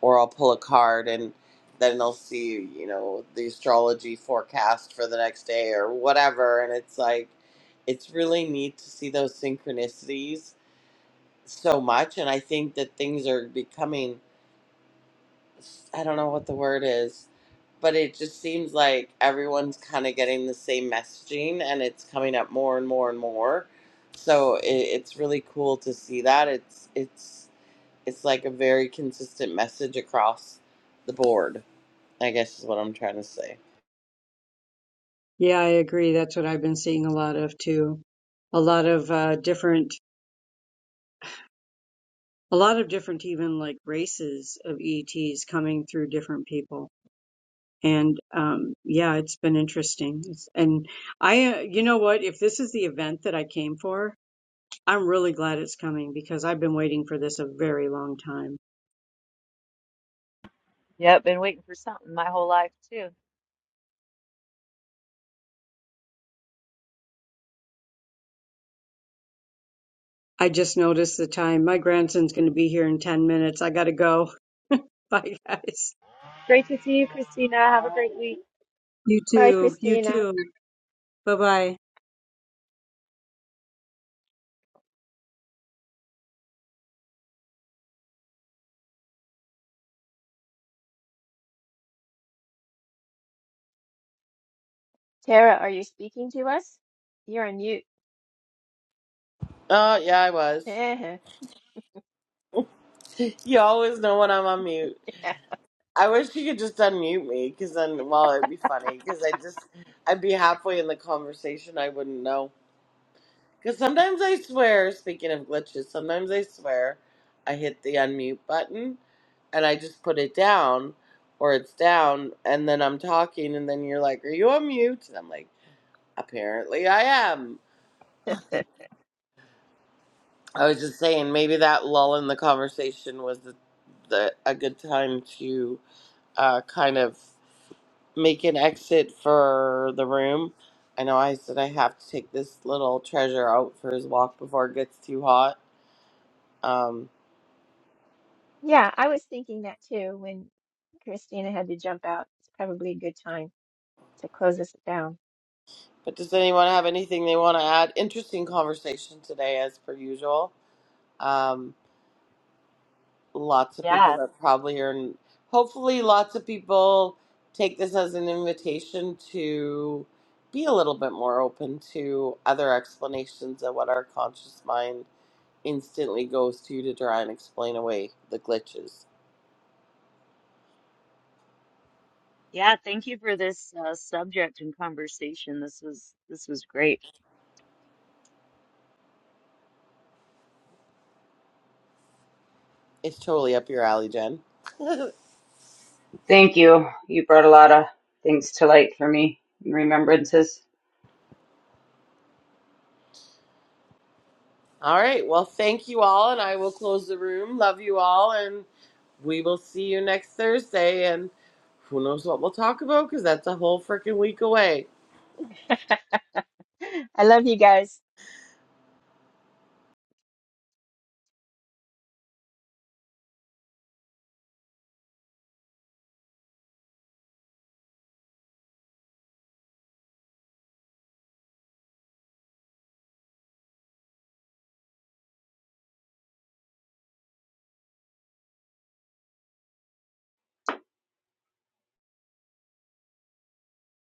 or I'll pull a card and then I'll see, you know, the astrology forecast for the next day or whatever. And it's like, it's really neat to see those synchronicities so much. And I think that things are becoming, I don't know what the word is, but it just seems like everyone's kind of getting the same messaging and it's coming up more and more and more so it, it's really cool to see that it's it's it's like a very consistent message across the board i guess is what i'm trying to say
Yeah, I agree. That's what I've been seeing a lot of too. A lot of uh, different, a lot of different, even like races of ETs coming through different people. And um, yeah, it's been interesting. It's, and I, uh, you know what? If this is the event that I came for, I'm really glad it's coming because I've been waiting for this a very long time.
Yep, been waiting for something my whole life too.
I just noticed the time. My grandson's going to be here in 10 minutes. I got to go. <laughs> Bye, guys.
Great to see you, Christina. Have a great week.
You
Hi,
too. You
Christina.
too. Bye bye.
Tara, are you speaking to us? You're on mute.
oh yeah i was
<laughs>
<laughs> you always know when i'm on mute i wish you could just unmute me because then well it'd be funny because i just i'd be halfway in the conversation i wouldn't know Because sometimes I swear, speaking of glitches, sometimes I swear I hit the unmute button and I just put it down or it's down and then I'm talking and then you're like, Are you on mute? And I'm like, Apparently I am.
Yeah. <laughs>
I was just saying, maybe that lull in the conversation was the, the, a good time to uh, kind of make an exit for the room. I know I said I have to take this little treasure out for his walk before it gets too hot. Um,
Yeah, I was thinking that too when Christina had to jump out. It's probably a good time to close us down.
But does anyone have anything they want to add? Interesting conversation today, as per usual. Um, lots of people
Yeah,
that probably are, hopefully, lots of people take this as an invitation to be a little bit more open to other explanations of what our conscious mind instantly goes to to try and explain away the glitches.
yeah. Thank you for this uh, subject and conversation. This was this was great.
It's totally up your alley, Jen. <laughs>
Thank you. You brought a lot of things to light for me and remembrances.
All right. Well, thank you all, and I will close the room. Love you all, and we will see you next Thursday. And who knows what we'll talk about because that's a whole freaking week away.
<laughs> I love you guys.